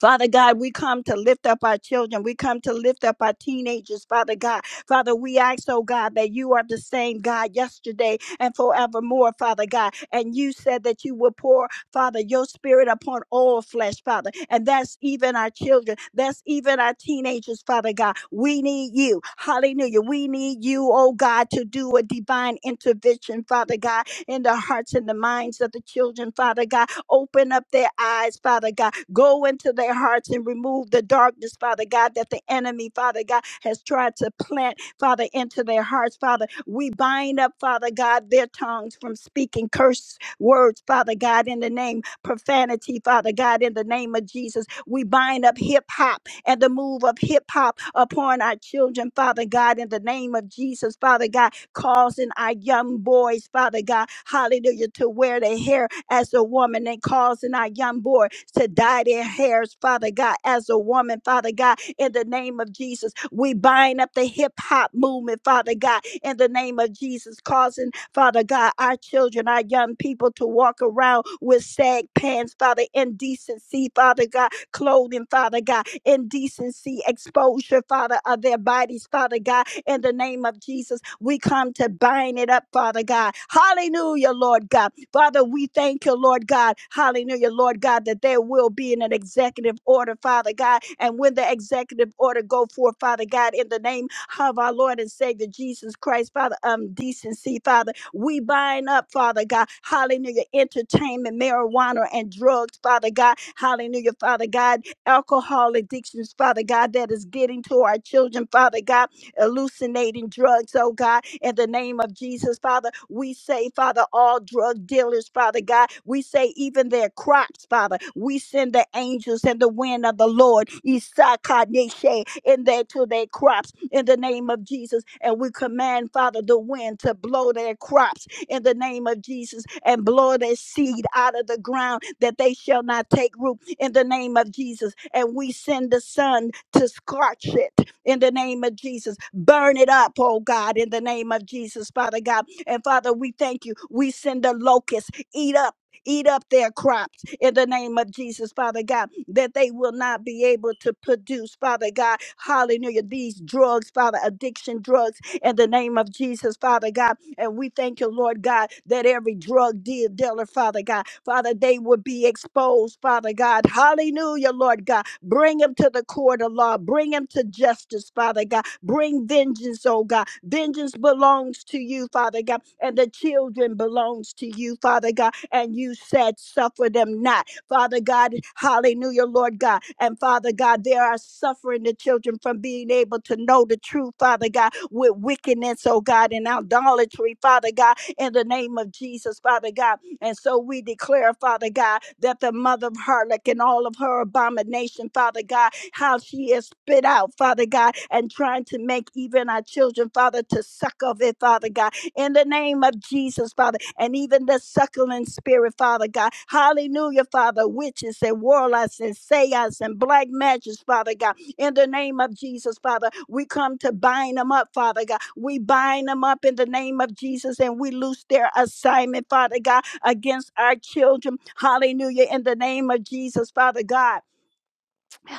Speaker 3: Father God, we come to lift up our children. We come to lift up our teenagers, Father God. Father, we ask, oh God, that you are the same God yesterday and forevermore, Father God. And you said that you would pour, Father, your spirit upon all flesh, Father. And that's even our children. That's even our teenagers, Father God. We need you. Hallelujah. We need you, oh God, to do a divine intervention, Father God, in the hearts and the minds of the children, Father God. Open up their eyes, Father God Go into their hearts and remove the darkness, Father God, that the enemy, Father God, has tried to plant, Father, into their hearts, Father. We bind up, Father God, their tongues from speaking curse words, Father God, in the name profanity, Father God, in the name of Jesus. We bind up hip hop and the move of hip hop upon our children, Father God, in the name of Jesus, Father God causing our young boys, Father God, hallelujah, to wear their hair as a woman and causing our young boy to dye their hairs, Father God, as a woman, Father God, in the name of Jesus. We bind up the hip hop movement, Father God, in the name of Jesus, causing, Father God, our children, our young people to walk around with sag pants, Father, indecency, Father God, clothing, Father God, indecency, exposure, Father, of their bodies, Father God, in the name of Jesus. We come to bind it up, Father God. Hallelujah, Lord God. Father, we thank you, Lord God. Hallelujah, Lord God, that there will be an executive order, Father God. And when the executive order go forth, Father God, in the name of our Lord and Savior Jesus Christ, Father, um, decency, Father, we bind up, Father God. Hallelujah, entertainment, marijuana, and drugs, Father God. Hallelujah, Father God, alcohol addictions, Father God, that is getting to our children, Father God hallucinating drugs, oh God. In the name of Jesus, Father, we say, Father, all drug dealers, Father God, we say even their crops, Father, we send the angels and the wind of the Lord, Isakaneshe, in there to their crops in the name of Jesus. And we command, Father, the wind to blow their crops in the name of Jesus and blow their seed out of the ground that they shall not take root in the name of Jesus. And we send the sun to scorch it in the name of Jesus. Burn it up, oh God, in the name of Jesus, Father God. And Father, we thank you. We send the locusts, eat up. Eat up their crops in the name of Jesus, Father God, that they will not be able to produce, Father God. Hallelujah. These drugs, Father, addiction drugs, in the name of Jesus, Father God. And we thank you, Lord God, that every drug deal dealer, Father God, Father, they will be exposed, Father God. Hallelujah, Lord God Bring him to the court of law. Bring him to justice, Father God. Bring vengeance, oh God. Vengeance belongs to you, Father God, and the children belongs to you, Father God. And you said, suffer them not, Father God. Hallelujah, Lord God. And Father God, there are suffering the children from being able to know the truth, Father God, with wickedness, oh God, and idolatry, Father God, in the name of Jesus, Father God. And so we declare, Father God, that the mother of harlot and all of her abomination, Father God, how she is spit out, Father God, and trying to make even our children, Father, to suck of it, Father God, in the name of Jesus, Father, and even the suckling spirit, Father God. Hallelujah, Father, witches and warlocks and seance and black magic, Father God, in the name of Jesus, Father. We come to bind them up, Father God. We bind them up in the name of Jesus and we loose their assignment, Father God against our children. Hallelujah. In the name of Jesus, Father God.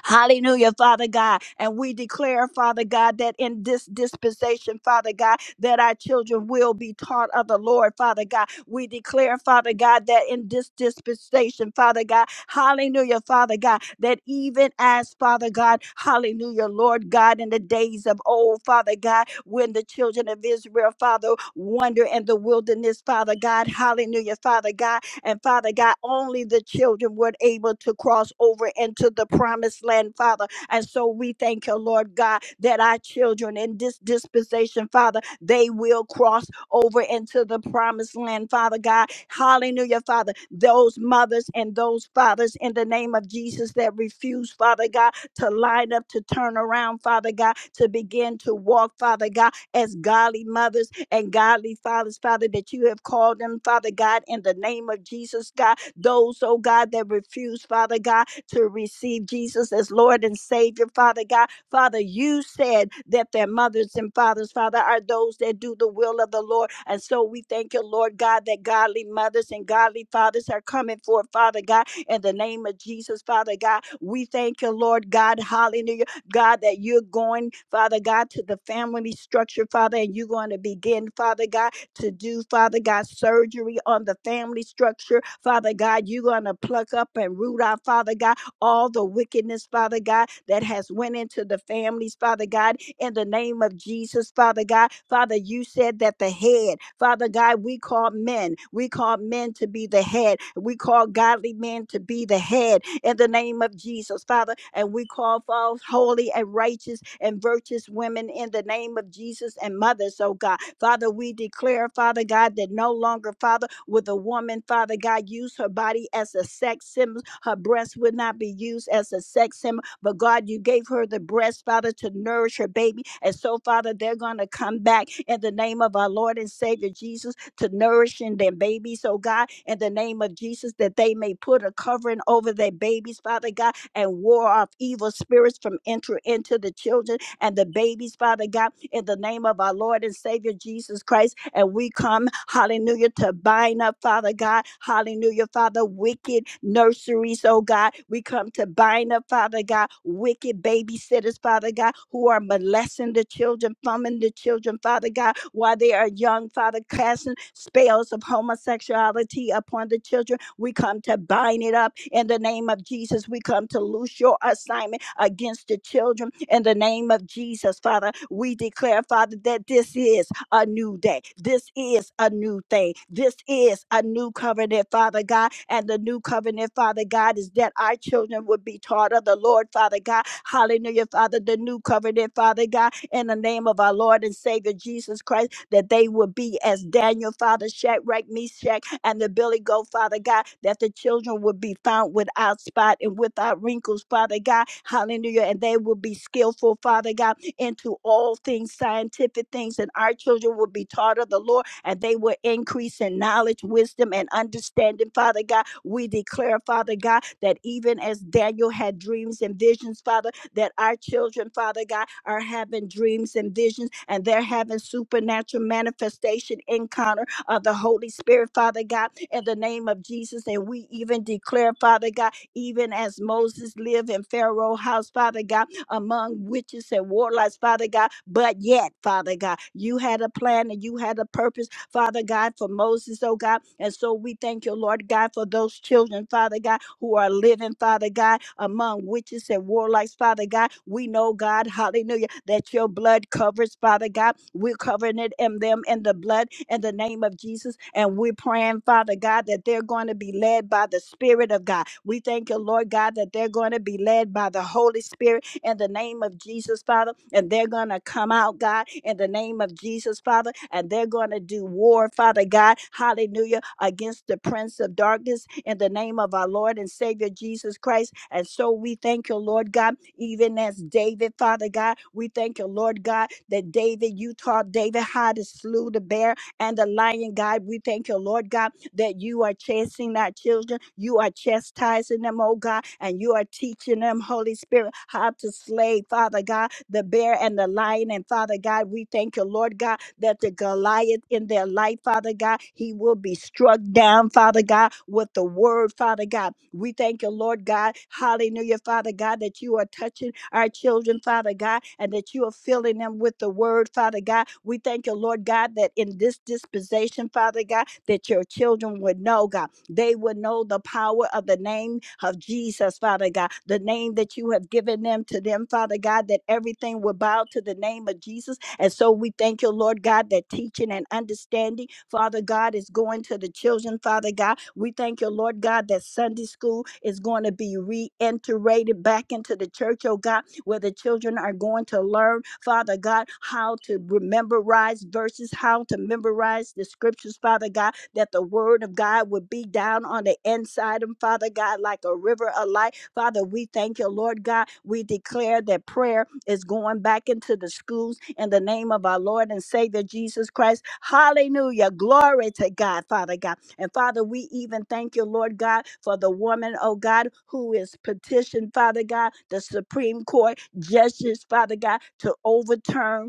Speaker 3: Hallelujah, Father God. And we declare, Father God, that in this dispensation, Father God, that our children will be taught of the Lord, Father God. We declare, Father God, that in this dispensation, Father God, hallelujah, Father God, that even as, Father God, hallelujah, Lord God, in the days of old, Father God, when the children of Israel, Father, wander in the wilderness, Father God, hallelujah, Father God, and Father God, only the children were able to cross over into the promised land, Father. And so we thank you, Lord God, that our children in this dispensation, Father, they will cross over into the promised land, Father God. Hallelujah, Father. Those mothers and those fathers in the name of Jesus that refuse, Father God, to line up, to turn around, Father God, to begin to walk, Father God as godly mothers and godly fathers, Father, that you have called them, Father God, in the name of Jesus, God. Those, oh God, that refuse, Father God, to receive Jesus as Lord and Savior, Father God. Father, you said that their mothers and fathers, Father, are those that do the will of the Lord. And so we thank you, Lord God, that godly mothers and godly fathers are coming forth, Father God, in the name of Jesus, Father God. We thank you, Lord God. Hallelujah God, that you're going, Father God, to the family structure, Father, and you're going to begin, Father God, to do, Father God, surgery on the family structure. Father God, you're going to pluck up and root out, Father God, all the wickedness, Father God, that has went into the families, Father God, in the name of Jesus, Father God. Father, you said that the head, Father God, we call men, we call men to be the head, we call godly men to be the head in the name of Jesus, Father, and we call for holy and righteous and virtuous women in the name of Jesus and mothers, oh God. Father, we declare, Father God, that no longer, Father, with a woman, Father God, use her body as a sex symbol, her breast would not be used as a sex symbol but God, you gave her the breast, Father, to nourish her baby. And so, Father, they're going to come back in the name of our Lord and Savior Jesus to nourishing their babies, oh God, in the name of Jesus, that they may put a covering over their babies, Father God, and war off evil spirits from entering into the children and the babies, Father God, in the name of our Lord and Savior Jesus Christ. And we come, hallelujah, to bind up, Father God, hallelujah, Father, wicked nurseries, oh God. We come to bind up, Father. Father God, wicked babysitters, Father God, who are molesting the children, thumbing the children, Father God, while they are young, Father, casting spells of homosexuality upon the children. We come to bind it up in the name of Jesus. We come to loose your assignment against the children. In the name of Jesus, Father, we declare, Father, that this is a new day. This is a new thing. This is a new covenant, Father God. And the new covenant, Father God, is that our children would be taught of the Lord, Father God. Hallelujah, Father. The new covenant, Father God, in the name of our Lord and Savior Jesus Christ that they would be as Daniel, Father Shadrach, Meshach, and the Billy Goat, Father God, that the children would be found without spot and without wrinkles, Father God. Hallelujah. And they will be skillful, Father God, into all things, scientific things. And our children will be taught of the Lord and they will increase in knowledge, wisdom, and understanding, Father God. We declare, Father God, that even as Daniel had dreams and visions, Father, that our children, Father God, are having dreams and visions and they're having supernatural manifestation encounter of the Holy Spirit, Father God, in the name of Jesus. And we even declare, Father God, even as Moses lived in Pharaoh's house, Father God, among witches and warlocks, Father God. But yet, Father God, you had a plan and you had a purpose Father God, for Moses, oh God. And so we thank you, Lord God, for those children, Father God, who are living, Father God, among witches and warlocks, Father God. We know, God, hallelujah, that your blood covers, Father God. We're covering it and them in the blood in the name of Jesus. And we're praying, Father God, that they're going to be led by the Spirit of God. We thank you, Lord God, that they're going to be led by the Holy Spirit in the name of Jesus, Father. And they're going to come out, God, in the name of Jesus, Father. And they're going to do war, Father God, hallelujah, against the prince of darkness in the name of our Lord and Savior Jesus Christ. And so we thank you, Lord God, even as David, Father God, we thank you, Lord God, that David, you taught David how to slew the bear and the lion, God. We thank you, Lord God, that you are chasing our children, you are chastising them, oh God, and you are teaching them, Holy Spirit, how to slay, Father God, the bear and the lion. And Father God, we thank you, Lord God that the Goliath in their life, Father God, he will be struck down, Father God, with the word, Father God. We thank you, Lord God. Hallelujah, Father God, that you are touching our children, Father God, and that you are filling them with the word, Father God. We thank you, Lord God, that in this dispensation, Father God, that your children would know, God. They would know the power of the name of Jesus, Father God, the name that you have given them to them, Father God, that everything will bow to the name of Jesus and so we thank you, Lord God, that teaching and understanding, Father God, is going to the children, Father God. We thank you, Lord God, that Sunday school is going to be reiterated back into the church, oh God, where the children are going to learn, Father God, how to re- memorize verses, how to memorize the scriptures, Father God, that the word of God would be down on the inside of them, Father God, like a river of life. Father, we thank you, Lord God. We declare that prayer is going back into the schools in the name of our Lord and Savior Jesus Christ. Hallelujah. Glory to God, Father God. And Father, we even thank you, Lord God, for the woman, oh God, who is petitioned, Father God, the Supreme Court justice, Father God, to overturn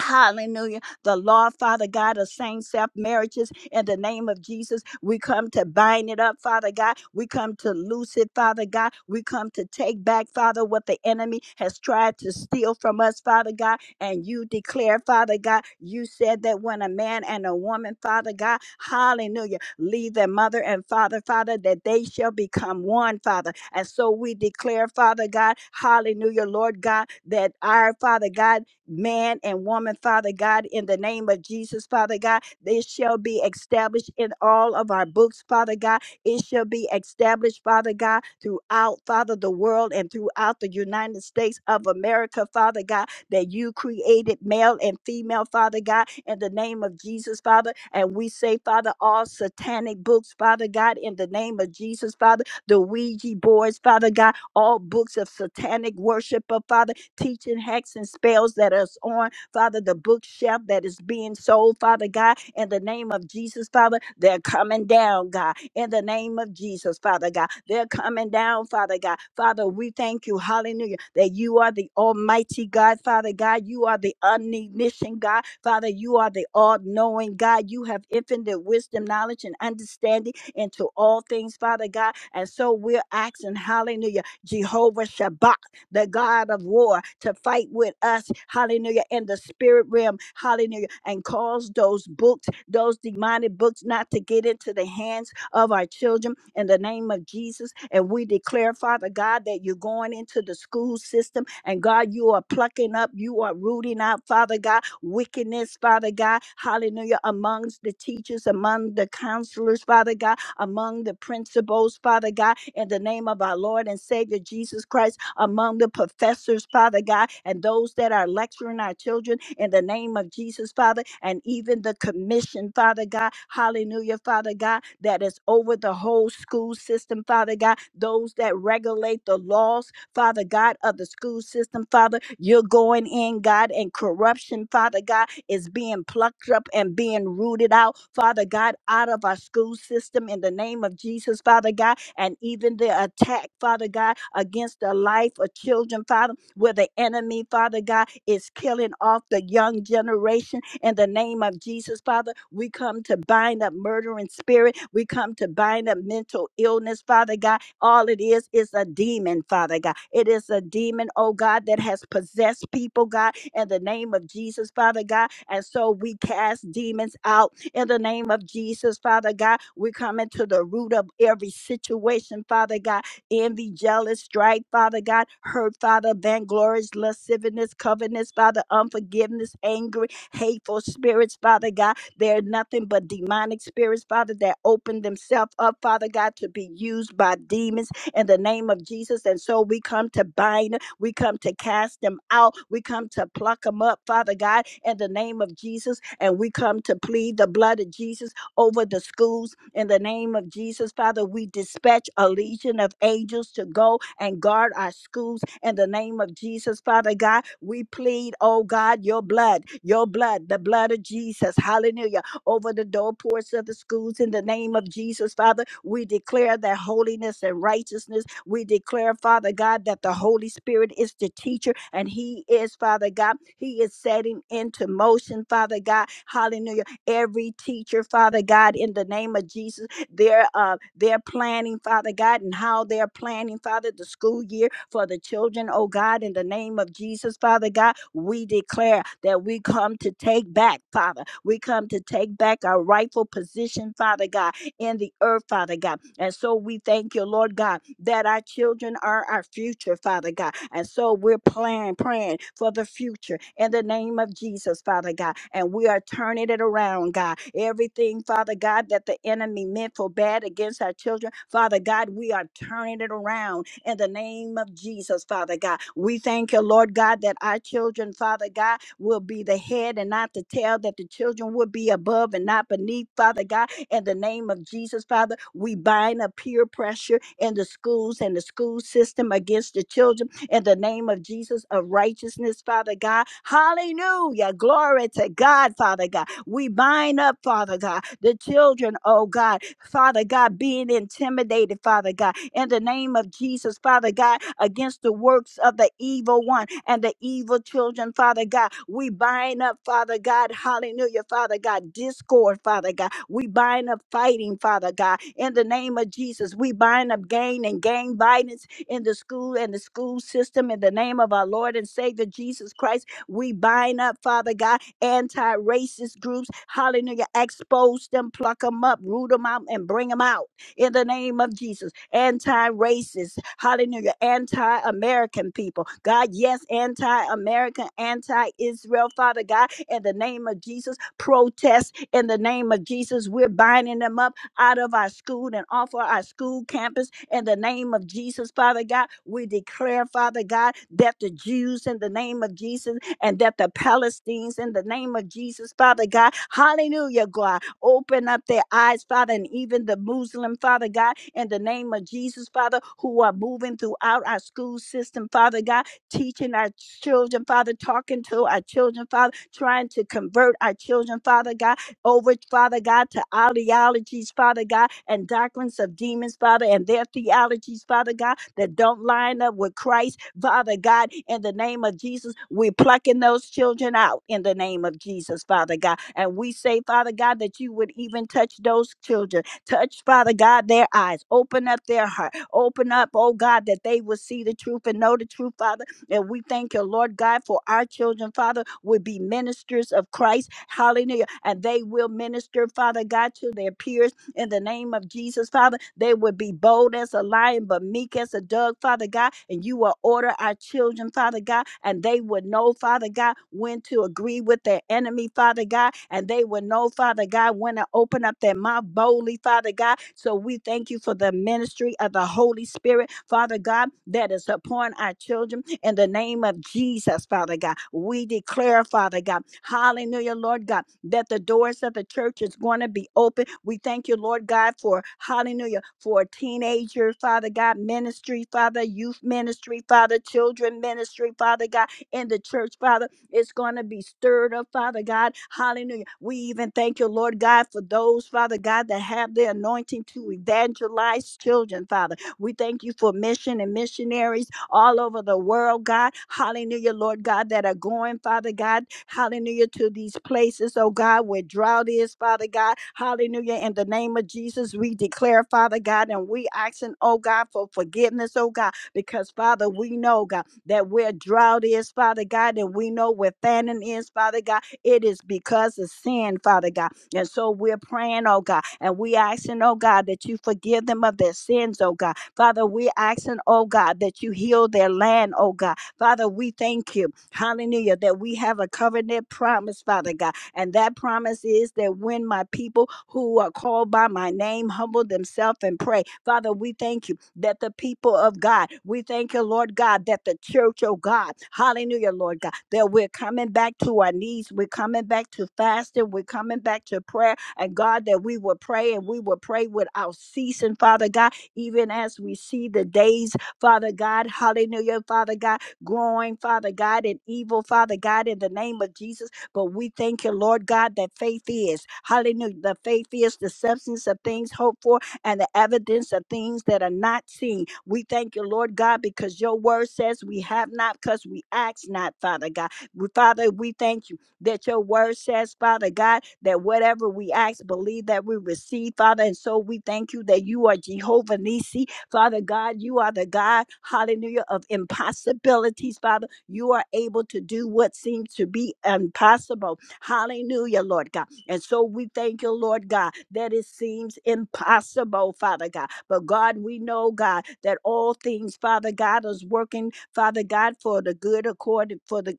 Speaker 3: Hallelujah. The law, Father God, of same self marriages in the name of Jesus. We come to bind it up, Father God. We come to loose it, Father God. We come to take back, Father, what the enemy has tried to steal from us, Father God. And you declare, Father God, you said that when a man and a woman, Father God, hallelujah, leave their mother and father, Father, that they shall become one, Father. And so we declare, Father God, hallelujah, Lord God, that our Father God, man and woman, Father God, in the name of Jesus, Father God. This shall be established in all of our books, Father God. It shall be established, Father God, throughout, Father, the world and throughout the United States of America, Father God, that you created male and female, Father God, in the name of Jesus, Father. And we say, Father, all satanic books, Father God, in the name of Jesus, Father, the Ouija boards, Father God, all books of satanic worship, oh, Father teaching hacks and spells that is on, Father, the bookshelf that is being sold, Father God, in the name of Jesus, Father, they're coming down, God, in the name of Jesus, Father God, they're coming down, Father God. Father, we thank you, hallelujah, that you are the almighty God, Father God, you are the omniscient God, Father, you are the all knowing God, you have infinite wisdom, knowledge, and understanding into all things, Father God, and so we're asking, hallelujah, Jehovah Shabbat the God of war, to fight with us, hallelujah, in the spirit realm, hallelujah, and cause those books, those demonic books, not to get into the hands of our children in the name of Jesus. And we declare, Father God, that you're going into the school system and God, you are plucking up, you are rooting out, Father God, wickedness, Father God, hallelujah, amongst the teachers, among the counselors, Father God among the principals, Father God, in the name of our Lord and Savior Jesus Christ, among the professors, Father God, and those that are lecturing our children in the name of Jesus, Father, and even the commission, Father God, hallelujah, Father God, that is over the whole school system, Father God, those that regulate the laws, Father God, of the school system, Father, you're going in, God, and corruption, Father God, is being plucked up and being rooted out, Father God, out of our school system in the name of Jesus, Father God, and even the attack, Father God, against the life of children, Father, where the enemy, Father God, is killing off the young generation in the name of Jesus, Father. We come to bind up murdering spirit. We come to bind up mental illness, Father God all it is is a demon, Father God. It is a demon, oh God, that has possessed people, God, in the name of Jesus, Father God. And so we cast demons out in the name of Jesus, Father God. We come into the root of every situation, Father God. Envy, jealous, strife, Father God, hurt, Father, vainglorious, lasciviousness, covetousness, Father, unforgiveness, angry, hateful spirits, Father God. They're nothing but demonic spirits, Father, that open themselves up, Father God, to be used by demons in the name of Jesus. And so we come to bind, we come to cast them out, we come to pluck them up, Father God, in the name of Jesus. And we come to plead the blood of Jesus over the schools. In the name of Jesus, Father, we dispatch a legion of angels to go and guard our schools. In the name of Jesus, Father God, we plead, oh God, your blood, your blood, the blood of Jesus. Hallelujah. Over the doorposts of the schools. In the name of Jesus, Father, we declare that holiness and righteousness. We declare, Father God, that the Holy Spirit is the teacher and He is, Father God, He is setting into motion, Father God. Hallelujah every teacher, Father God, in the name of Jesus. Their uh their planning, Father God, and how they're planning, Father, the school year for the children, oh God, in the name of Jesus, Father God, we declare that we come to take back, Father. We come to take back our rightful position, Father God in the earth, Father God. And so we thank you, Lord God, that our children are our future, Father God. And so we're praying, praying for the future in the name of Jesus, Father God. And we are turning it around, God. Everything, Father God, that the enemy meant for bad against our children, Father God, we are turning it around in the name of Jesus, Father God. We thank you, Lord God, that our children, Father God, will be the head and not the tail, that the children will be above and not beneath, Father God in the name of Jesus, Father, we bind up peer pressure in the schools and the school system against the children. In the name of Jesus of righteousness, Father God. Hallelujah. Glory to God, Father God. We bind up, Father God, the children, oh God, Father God, being intimidated, Father God, in the name of Jesus, Father God, against the works of the evil one and the evil children, Father God. We bind up, Father God, hallelujah, Father God, discord, Father God. We bind up fighting, Father God, in the name of Jesus. We bind up gang and gang violence in the school and the school system in the name of our Lord and Savior Jesus Christ. We bind up, Father God anti racist groups. Hallelujah. Expose them, pluck them up, root them out, and bring them out in the name of Jesus. Anti racist, hallelujah. Anti American people, God, yes, anti American, anti Israel, Father God, in the name of Jesus. Protest in the name of Jesus. We're binding them up out of our school and off of our school campus in the name of Jesus, Father God. We declare, Father God, that the Jews in the name of Jesus and that the Palestinians in the name of Jesus, Father God, hallelujah, God, open up their eyes, Father, and even the Muslim, Father God, in the name of Jesus, Father, who are moving throughout our school system, Father God, teaching our children, Father, talking to our children, Father, trying to convert our children, Father God over, Father God, to ideologies, Father God, and doctrines of demons, Father, and their theologies, Father God, that don't line up with Christ, Father God, in the name of Jesus. We're plucking those children out in the name of Jesus, Father God. And we say, Father God, that you would even touch those children. Touch, Father God, their eyes. Open up their heart. Open up, oh God, that they will see the truth and know the truth, Father and we thank you, Lord God, for our children, Father, will be ministers of Christ. Hallelujah. And they will minister, Father God, to their peers in the name of Jesus, Father. They would be bold as a lion, but meek as a dove, Father God. And you will order our children, Father God, and they would know, Father God, when to agree with their enemy, Father God, and they would know, Father God, when to open up their mouth boldly, Father God. So we thank you for the ministry of the Holy Spirit spirit, Father God, that is upon our children in the name of Jesus, Father God. We declare, Father God, hallelujah, Lord God, that the doors of the church is going to be open. We thank you, Lord God, for hallelujah, for teenager, Father God, ministry, Father, youth ministry, Father, children ministry, Father God, in the church, Father. It's going to be stirred up, Father God. Hallelujah. We even thank you, Lord God, for those, Father God, that have the anointing to evangelize children, Father. We thank you for mission and missionaries all over the world, God. Hallelujah, Lord God, that are going, Father God. Hallelujah, to these places, oh God, where drought is, Father God. Hallelujah, in the name of Jesus, we declare, Father God, and we asking, oh God, for forgiveness, oh God, because, Father, we know, God, that where drought is, Father God, and we know where famine is, Father God, it is because of sin, Father God. And so we're praying, oh God, and we asking, oh God, that you forgive them of their sins, oh God Father, we're asking, oh God, that you heal their land, oh God. Father, we thank you, hallelujah, that we have a covenant promise, Father God. And that promise is that when my people who are called by my name humble themselves and pray, Father, we thank you that the people of God, we thank you, Lord God, that the church, oh God, hallelujah, Lord God, that we're coming back to our knees, we're coming back to fasting, we're coming back to prayer, and God, that we will pray and we will pray without ceasing, Father God even as we see the days, Father God, hallelujah, Father God, growing, Father God, in evil, Father God, in the name of Jesus. But we thank you, Lord God, that faith is, hallelujah, the faith is the substance of things hoped for and the evidence of things that are not seen. We thank you, Lord God, because your word says we have not because we ask not, Father God. We- Father, we thank you that your word says, Father God, that whatever we ask, believe that we receive, Father. And so we thank you that you are Jehovah Nissi, Father God. You are the God, hallelujah, of impossibilities, Father. You are able to do what seems to be impossible. Hallelujah, Lord God. And so we thank you, Lord God, that it seems impossible, Father God. But God, we know, God, that all things, Father God, is working, Father God, for the good according for the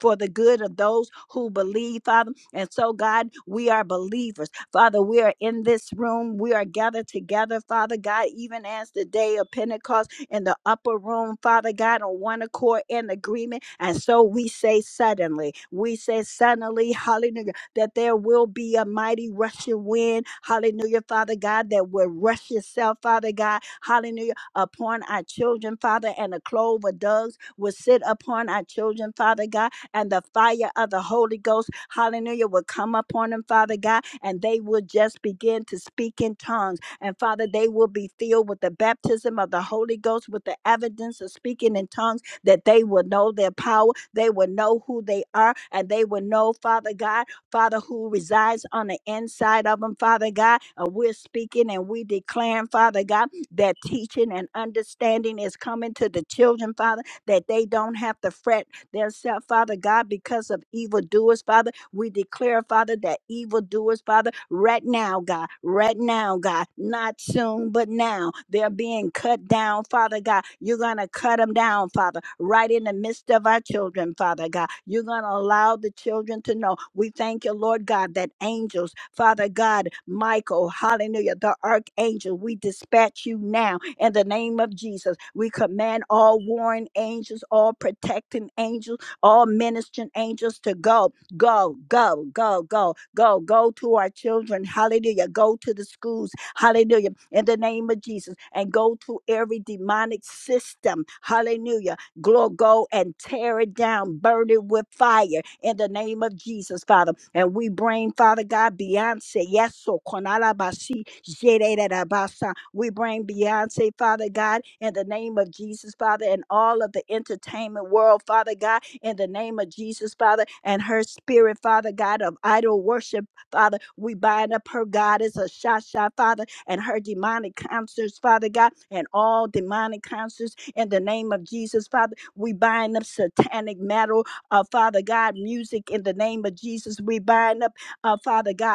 Speaker 3: for the good of those who believe, Father. And so, God, we are believers. Father, we are in this room. We are gathered together, Father God, even as the day of Pentecost in the upper room, Father God, on one accord and agreement. And so we say suddenly, we say suddenly, hallelujah, that there will be a mighty rushing wind, hallelujah, Father God, that will rush itself, Father God, hallelujah, upon our children, Father, and a clove of doves will sit upon our children, Father God and the fire of the Holy Ghost, hallelujah, will come upon them, Father God, and they will just begin to speak in tongues. And Father, they will be filled with the baptism of the Holy Ghost, with the evidence of speaking in tongues, that they will know their power, they will know who they are, and they will know, Father God, Father, who resides on the inside of them, Father God. And we're speaking and we declaring, Father God, that teaching and understanding is coming to the children, Father, that they don't have to fret themselves, Father God, because of evildoers, Father. We declare, Father, that evildoers, Father, right now, God, right now, God, not soon, but now, they're being cut down, Father God. You're going to cut them down, Father, right in the midst of our children, Father God. You're going to allow the children to know. We thank you, Lord God, that angels, Father God, Michael, hallelujah, the archangel, we dispatch you now in the name of Jesus. We command all warring angels, all protecting angels, all ministering angels to go Go, go, go, go, go, go to our children. Hallelujah. Go to the schools. Hallelujah. In the name of Jesus. And go to every demonic system. Hallelujah. Glory, go and tear it down, burn it with fire in the name of Jesus, Father. And we bring, Father God, Beyonce. Yes, so konalabasi, jererabasa. we bring Beyonce, Father God, in the name of Jesus, Father, and all of the entertainment world, Father God in the name of Jesus, Father, and her spirit, Father God, of idol worship, Father. We bind up her goddess, a Shasha, Father, and her demonic concerts, Father God, and all demonic concerts in the name of Jesus, Father. We bind up satanic metal, uh, Father God, music in the name of Jesus. We bind up, uh, Father God.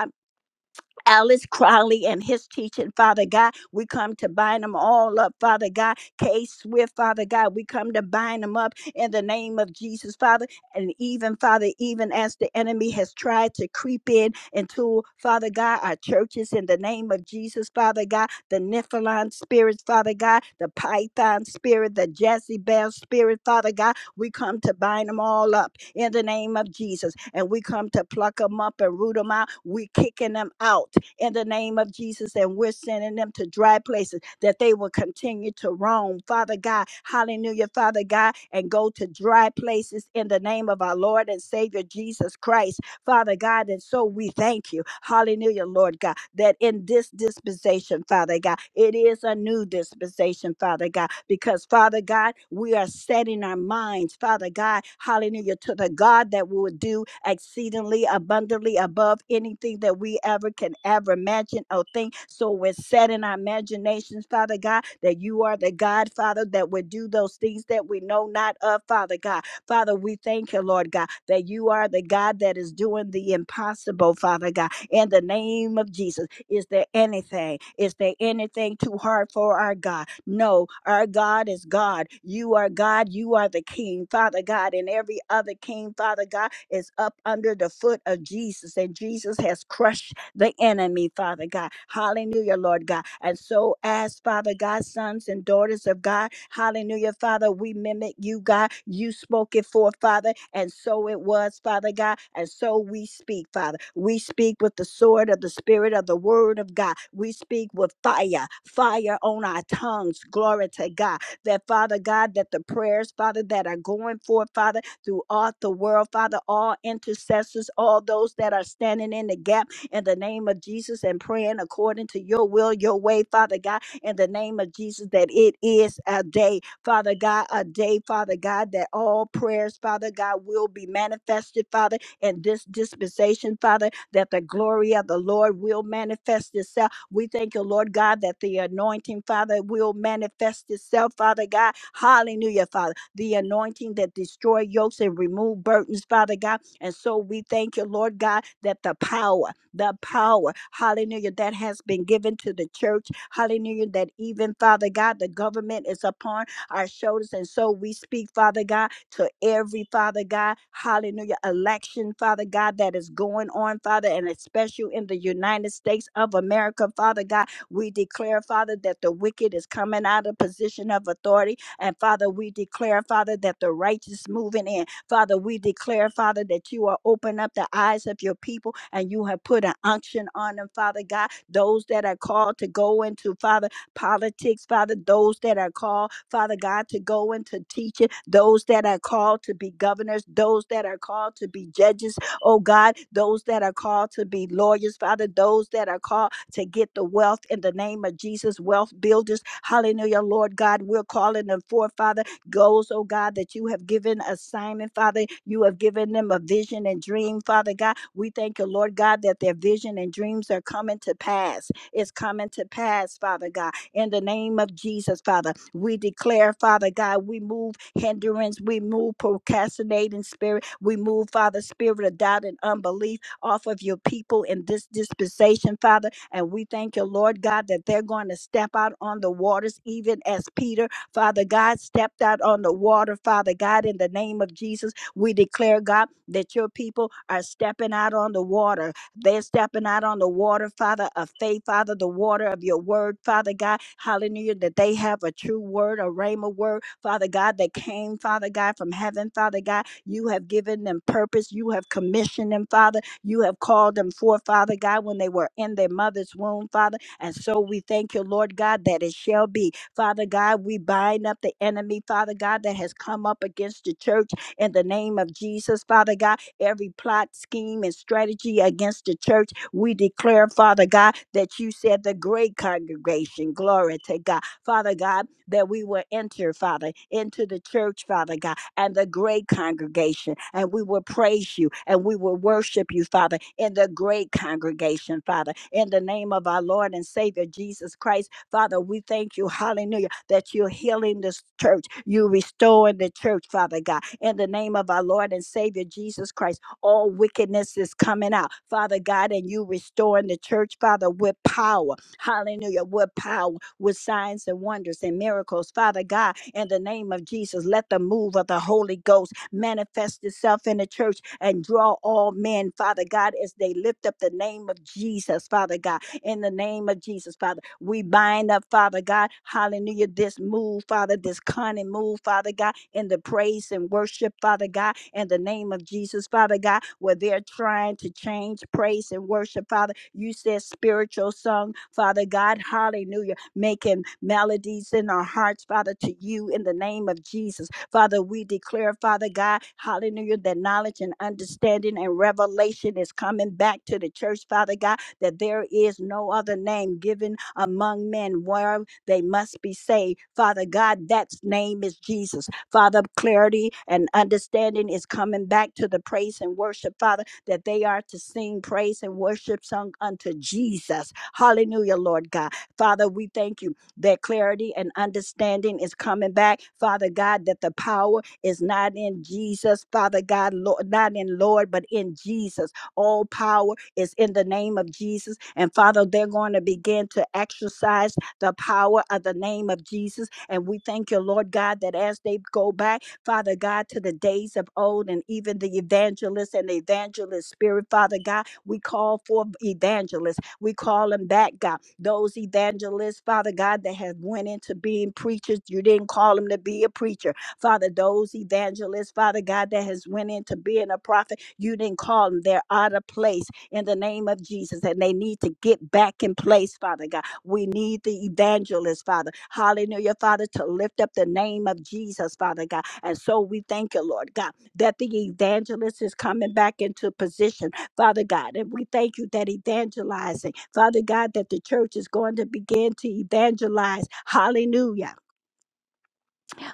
Speaker 3: Alice Crowley and his teaching, Father God. We come to bind them all up, Father God. K Swift, Father God. We come to bind them up in the name of Jesus, Father. And even, Father, even as the enemy has tried to creep in into, Father God, our churches in the name of Jesus, Father God, the Nephilim spirits, Father God, the Python spirit, the Jezebel spirit, Father God. We come to bind them all up in the name of Jesus. And we come to pluck them up and root them out. we kicking them out in the name of Jesus. And we're sending them to dry places that they will continue to roam, Father God. Hallelujah, Father God, and go to dry places in the name of our Lord and Savior Jesus Christ. Father God. And so we thank you, hallelujah, Lord God, that in this dispensation, Father God, it is a new dispensation, Father God, because Father God, we are setting our minds, Father God, hallelujah, to the God that will do exceedingly abundantly above anything that we ever can ever imagine or think. So we're setting our imaginations, Father God, that you are the God, Father, that would do those things that we know not of, Father God. Father, we thank you, Lord God, that you are the God that is doing the impossible, Father God. In the name of Jesus, is there anything? Is there anything too hard for our God? No, our God is God. You are God. You are the King, Father God. And every other King, Father God, is up under the foot of Jesus. And Jesus has crushed the enemy, Father God. Hallelujah, Lord God. And so, as Father God, sons and daughters of God, hallelujah, Father, we mimic you, God. You spoke it for, Father, and so it was, Father God. And so we speak, Father. We speak with the sword of the Spirit of the Word of God. We speak with fire, fire on our tongues. Glory to God. That, Father God, that the prayers, Father, that are going forth, Father, throughout the world, Father, all intercessors, all those that are standing in the gap in the name of Jesus and praying according to your will, your way, Father God, in the name of Jesus, that it is a day, Father God, a day, Father God, that all prayers, Father God, will be manifested, Father, in this dispensation, Father, that the glory of the Lord will manifest itself. We thank you, Lord God, that the anointing, Father, will manifest itself, Father God. Hallelujah, Father. The anointing that destroy yokes and remove burdens, Father God. And so we thank you, Lord God, that the power the power, hallelujah, that has been given to the church, hallelujah, that even, Father God, the government is upon our shoulders. And so we speak, Father God, to every, Father God, hallelujah, election, Father God, that is going on, Father, and especially in the United States of America, Father God, we declare, Father, that the wicked is coming out of position of authority. And Father, we declare, Father, that the righteous moving in. Father, we declare, Father, that you are open up the eyes of your people and you have put an unction on them, Father God. Those that are called to go into, Father, politics, Father, those that are called, Father God, to go into teaching, those that are called to be governors, those that are called to be judges, oh God, those that are called to be lawyers, Father, those that are called to get the wealth in the name of Jesus, wealth builders. Hallelujah, Lord God, we're calling them forth, Father goals, oh God, that you have given assignment, Father. You have given them a vision and dream, Father God. We thank you, Lord God, that their vision and dreams are coming to pass. It's coming to pass, Father God. In the name of Jesus, Father, we declare, Father God, we move hindrance, we move procrastinating spirit, we move, Father, spirit of doubt and unbelief off of your people in this dispensation, Father. And we thank you, Lord God, that they're going to step out on the waters, even as Peter Father God stepped out on the water, Father God, in the name of Jesus. We declare, God, that your people are stepping out on the water. They're stepping out on the water, Father, of faith, Father, the water of your word, Father God. Hallelujah, that they have a true word, a rhema word, Father God, that came, Father God, from heaven, Father God. You have given them purpose. You have commissioned them, Father. You have called them forth, Father God, when they were in their mother's womb, Father. And so we thank you, Lord God, that it shall be. Father God, we bind up the enemy, Father God, that has come up against the church in the name of Jesus, Father God. Every plot, scheme, and strategy against the church, we declare, Father God, that you said the great congregation, glory to God, Father God, that we will enter, Father, into the church, Father God and the great congregation. And we will praise you and we will worship you, Father, in the great congregation, Father. In the name of our Lord and Savior Jesus Christ, Father, we thank you, hallelujah, that you're healing this church. You're restoring the church, Father God. In the name of our Lord and Savior Jesus Christ, all wickedness is coming out, Father God, and you restoring the church, Father, with power Hallelujah. With power, with signs and wonders and miracles. Father God, in the name of Jesus, let the move of the Holy Ghost manifest itself in the church and draw all men, Father God, as they lift up the name of Jesus, Father God in the name of Jesus, Father. We bind up, Father God, hallelujah, this move, Father, this cunning move, Father God, in the praise and worship, Father God, in the name of Jesus, Father God, where they're trying to change praise and worship, Father. You said spiritual song, Father God, hallelujah, making melodies in our hearts, Father, to you in the name of Jesus. Father, we declare, Father God, hallelujah, that knowledge and understanding and revelation is coming back to the church, Father God that there is no other name given among men where they must be saved. Father God, that name is Jesus. Father, clarity and understanding is coming back to the praise and worship, Father, that they are to sing praise and worship sung unto Jesus. Hallelujah, Lord God. Father, we thank you that clarity and understanding is coming back. Father God, that the power is not in Jesus, Father God, Lord, not in Lord, but in Jesus. All power is in the name of Jesus. And Father, they're going to begin to exercise the power of the name of Jesus. And we thank you, Lord God, that as they go back, Father God, to the days of old and even the evangelists and the evangelist spirit, Father God, we call for evangelists. We call them back, God. Those evangelists, Father God, that have went into being preachers. You didn't call them to be a preacher. Father, those evangelists, Father God, that has went into being a prophet. You didn't call them. They're out of place in the name of Jesus, and they need to get back in place, Father God. We need the evangelist, Father. Hallelujah, Father, to lift up the name of Jesus, Father God. And so we thank you, Lord God, that the evangelist is coming back into position, Father God. And we thank you that evangelizing, Father God, that the church is going to begin to evangelize. Hallelujah.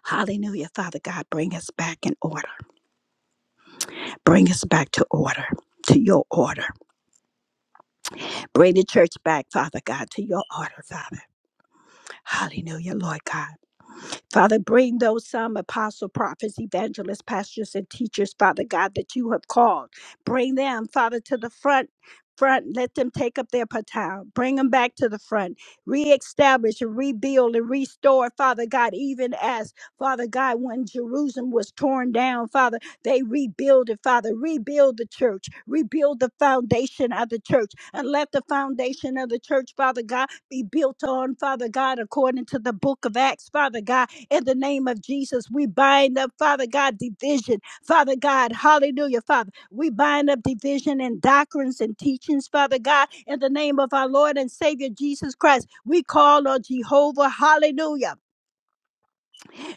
Speaker 3: Hallelujah, Father God. Bring us back in order. Bring us back to order, to your order. Bring the church back, Father God, to your order, Father. Hallelujah, Lord God. Father, bring those some apostle, prophets, evangelists, pastors, and teachers, Father God, that you have called. Bring them, Father, to the front. Front, let them take up their baton. Bring them back to the front. Reestablish and rebuild and restore, Father God, even as Father God, when Jerusalem was torn down, Father, they rebuild it, Father. Rebuild the church. Rebuild the foundation of the church. And let the foundation of the church, Father God, be built on, Father God, according to the book of Acts, Father God in the name of Jesus, we bind up, Father God, division. Father God, hallelujah, Father. We bind up division and doctrines and teachings, Father God, in the name of our Lord and Savior Jesus Christ. We call on Jehovah, hallelujah.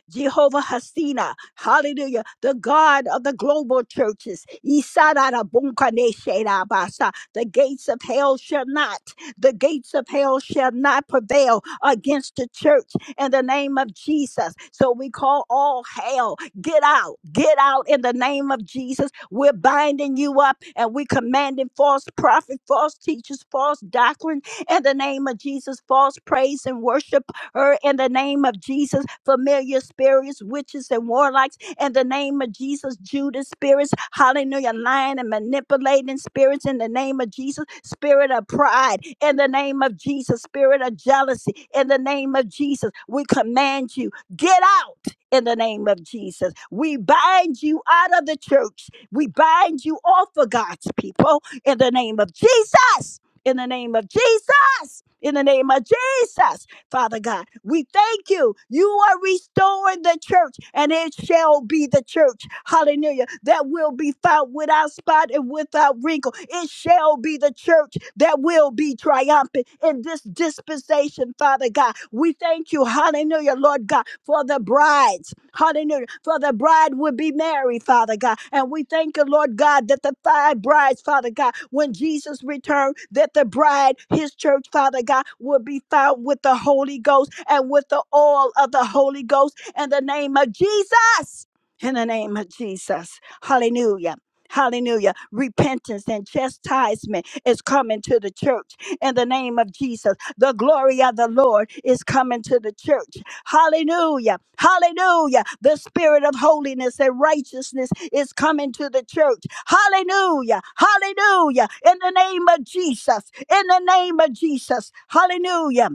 Speaker 3: Jehovah Hasina, hallelujah, the God of the global churches. Isarara bunkane sherabasa. The gates of hell shall not, the gates of hell shall not prevail against the church in the name of Jesus. So we call all hell, get out, get out in the name of Jesus. We're binding you up and we commanding false prophet, false teachers, false doctrine in the name of Jesus, false praise and worship her in the name of Jesus. Familiar spirits, witches, and warlocks in the name of Jesus. Judas spirits, hallelujah, lying and manipulating spirits in the name of Jesus. Spirit of pride in the name of Jesus. Spirit of jealousy in the name of Jesus. We command you, get out in the name of Jesus. We bind you out of the church. We bind you off of God's people in the name of Jesus. In the name of Jesus. In the name of Jesus. Father God. We thank you. You are restoring the church, and it shall be the church, hallelujah, that will be found without spot and without wrinkle. It shall be the church that will be triumphant in this dispensation, Father God. We thank you, hallelujah, Lord God for the brides. Hallelujah. For the bride would be married, Father God. And we thank you, Lord God, that the five brides, Father God, when Jesus returned, that the bride, his church, Father God, would be found with the Holy Ghost and with the oil of the Holy Ghost in the name of Jesus. In the name of Jesus. Hallelujah. Hallelujah. Repentance and chastisement is coming to the church in the name of Jesus. The glory of the Lord is coming to the church Hallelujah. Hallelujah. The spirit of holiness and righteousness is coming to the church. Hallelujah. Hallelujah. In the name of Jesus. In the name of Jesus. Hallelujah.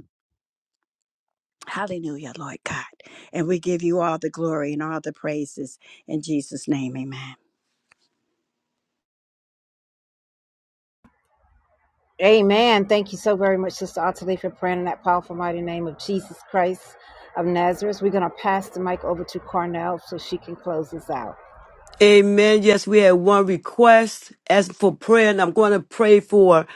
Speaker 3: Hallelujah, Lord God. And we give you all the glory and all the praises in Jesus' name. Amen.
Speaker 1: Amen. Thank you so very much, Sister Ottilie, for praying in that powerful, mighty name of Jesus Christ of Nazareth. We're going to pass the mic over to Cornell so she can close us out.
Speaker 4: Amen. Yes, we had one request as for prayer, and I'm going to pray for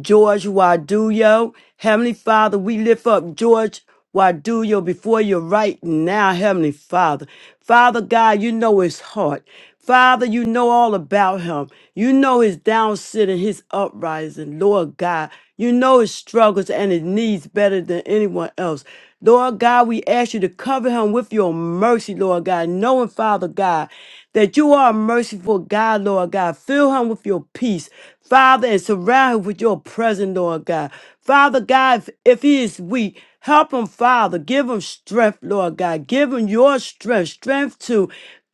Speaker 4: George Waduyo. Heavenly Father, we lift up George Waduyo before you right now, Heavenly Father. Father God, you know his heart. Father, you know all about him. You know his down sitting, his uprising, Lord God. You know his struggles and his needs better than anyone else. Lord God, we ask you to cover him with your mercy, Lord God, knowing, Father God, that you are a merciful God, Lord God. Fill him with your peace, Father, and surround him with your presence, Lord God. Father God, if, if he is weak, help him, Father. Give him strength, Lord God. Give him your strength, strength to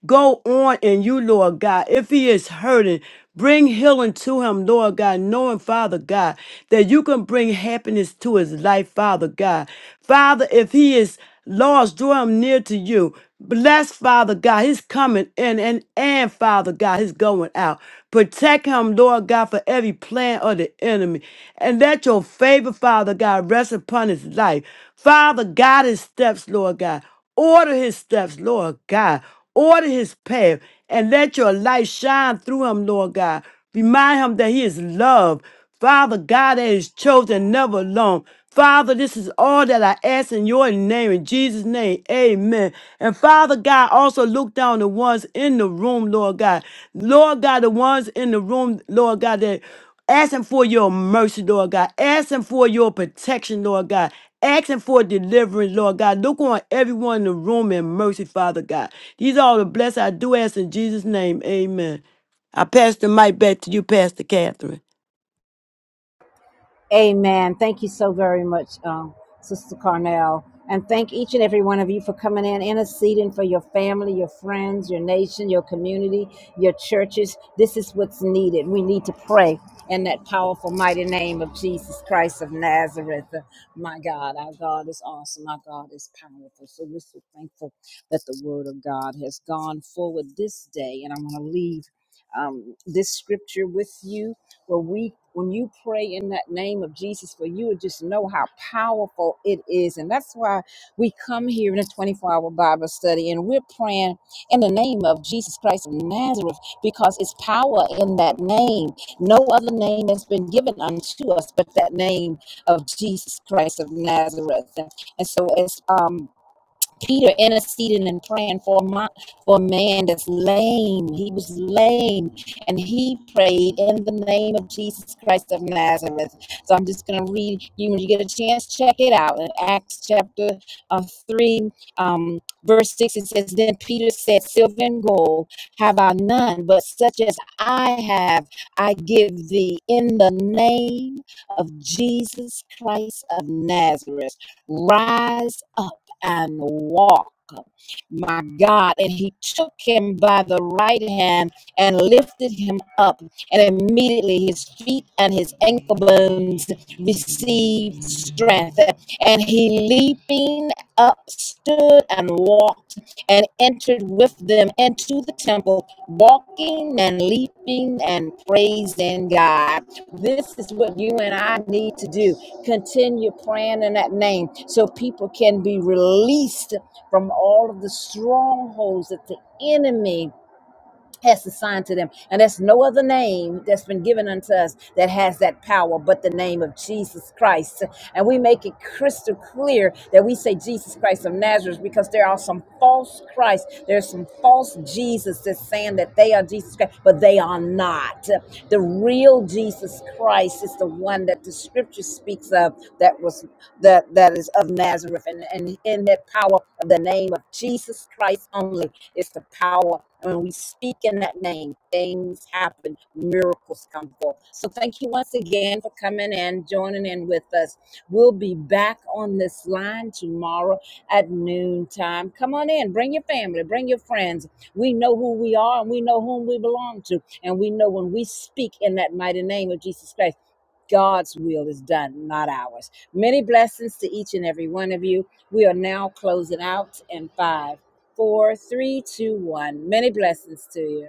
Speaker 4: Go on in you, Lord God. If he is hurting, bring healing to him, Lord God, knowing, Father God, that you can bring happiness to his life, Father God. Father, if he is lost, draw him near to you. Bless, Father God, his coming in and, and Father God, his going out. Protect him, Lord God, for every plan of the enemy. And let your favor, Father God, rest upon his life. Father, guide his steps, Lord God. Order his steps, Lord God. Order his path and let your light shine through him, Lord God. Remind him that he is loved. Father God, that is chosen, never alone. Father, this is all that I ask in your name, in Jesus' name. Amen. And Father God, also look down the ones in the room, Lord God. Lord God, the ones in the room, Lord God, that asking for your mercy, Lord God, asking for your protection, Lord God, asking for deliverance, Lord God. Look on everyone in the room in mercy, Father God. These are all the blessings I do ask in Jesus' name. Amen. I pass the mic back to you, Pastor Catherine.
Speaker 1: Amen. Thank you so very much, um, Sister Carnell. And thank each and every one of you for coming in, interceding for your family, your friends, your nation, your community, your churches. This is what's needed. We need to pray in that powerful, mighty name of Jesus Christ of Nazareth. My God, our God is awesome. Our God is powerful. So we're so thankful that the word of God has gone forward this day. And I'm going to leave um, this scripture with you but we, when you pray in that name of Jesus, for you would just know how powerful it is. And that's why we come here in a 24 hour Bible study and we're praying in the name of Jesus Christ of Nazareth because it's power in that name. No other name has been given unto us but that name of Jesus Christ of Nazareth. And so, as um, Peter interceded and praying for a, for a man that's lame. He was lame, and he prayed in the name of Jesus Christ of Nazareth. So I'm just going to read you when you get a chance, check it out in Acts chapter uh, 3, um, verse 6. It says, Then Peter said, 'Silver and gold have I none, but such as I have, I give thee in the name of Jesus Christ of Nazareth. Rise up.'" and walk. My God. And he took him by the right hand and lifted him up. And immediately his feet and his ankle bones received strength. And he leaping up stood and walked and entered with them into the temple, walking and leaping and praising God. This is what you and I need to do. Continue praying in that name so people can be released from all of the strongholds that the enemy has assigned to them. And there's no other name that's been given unto us that has that power but the name of Jesus Christ. And we make it crystal clear that we say Jesus Christ of Nazareth because there are some false Christ. There's some false Jesus that's saying that they are Jesus Christ, but they are not. The real Jesus Christ is the one that the scripture speaks of that was that that is of Nazareth and, and in that power of the name of Jesus Christ only. It's the power. And when we speak in that name, things happen, miracles come forth. So thank you once again for coming and joining in with us. We'll be back on this line tomorrow at noon time. Come on in, bring your family, bring your friends. We know who we are and we know whom we belong to. And we know when we speak in that mighty name of Jesus Christ. God's will is done, not ours. Many blessings to each and every one of you. We are now closing out in five four, three, two, one. Many blessings to you.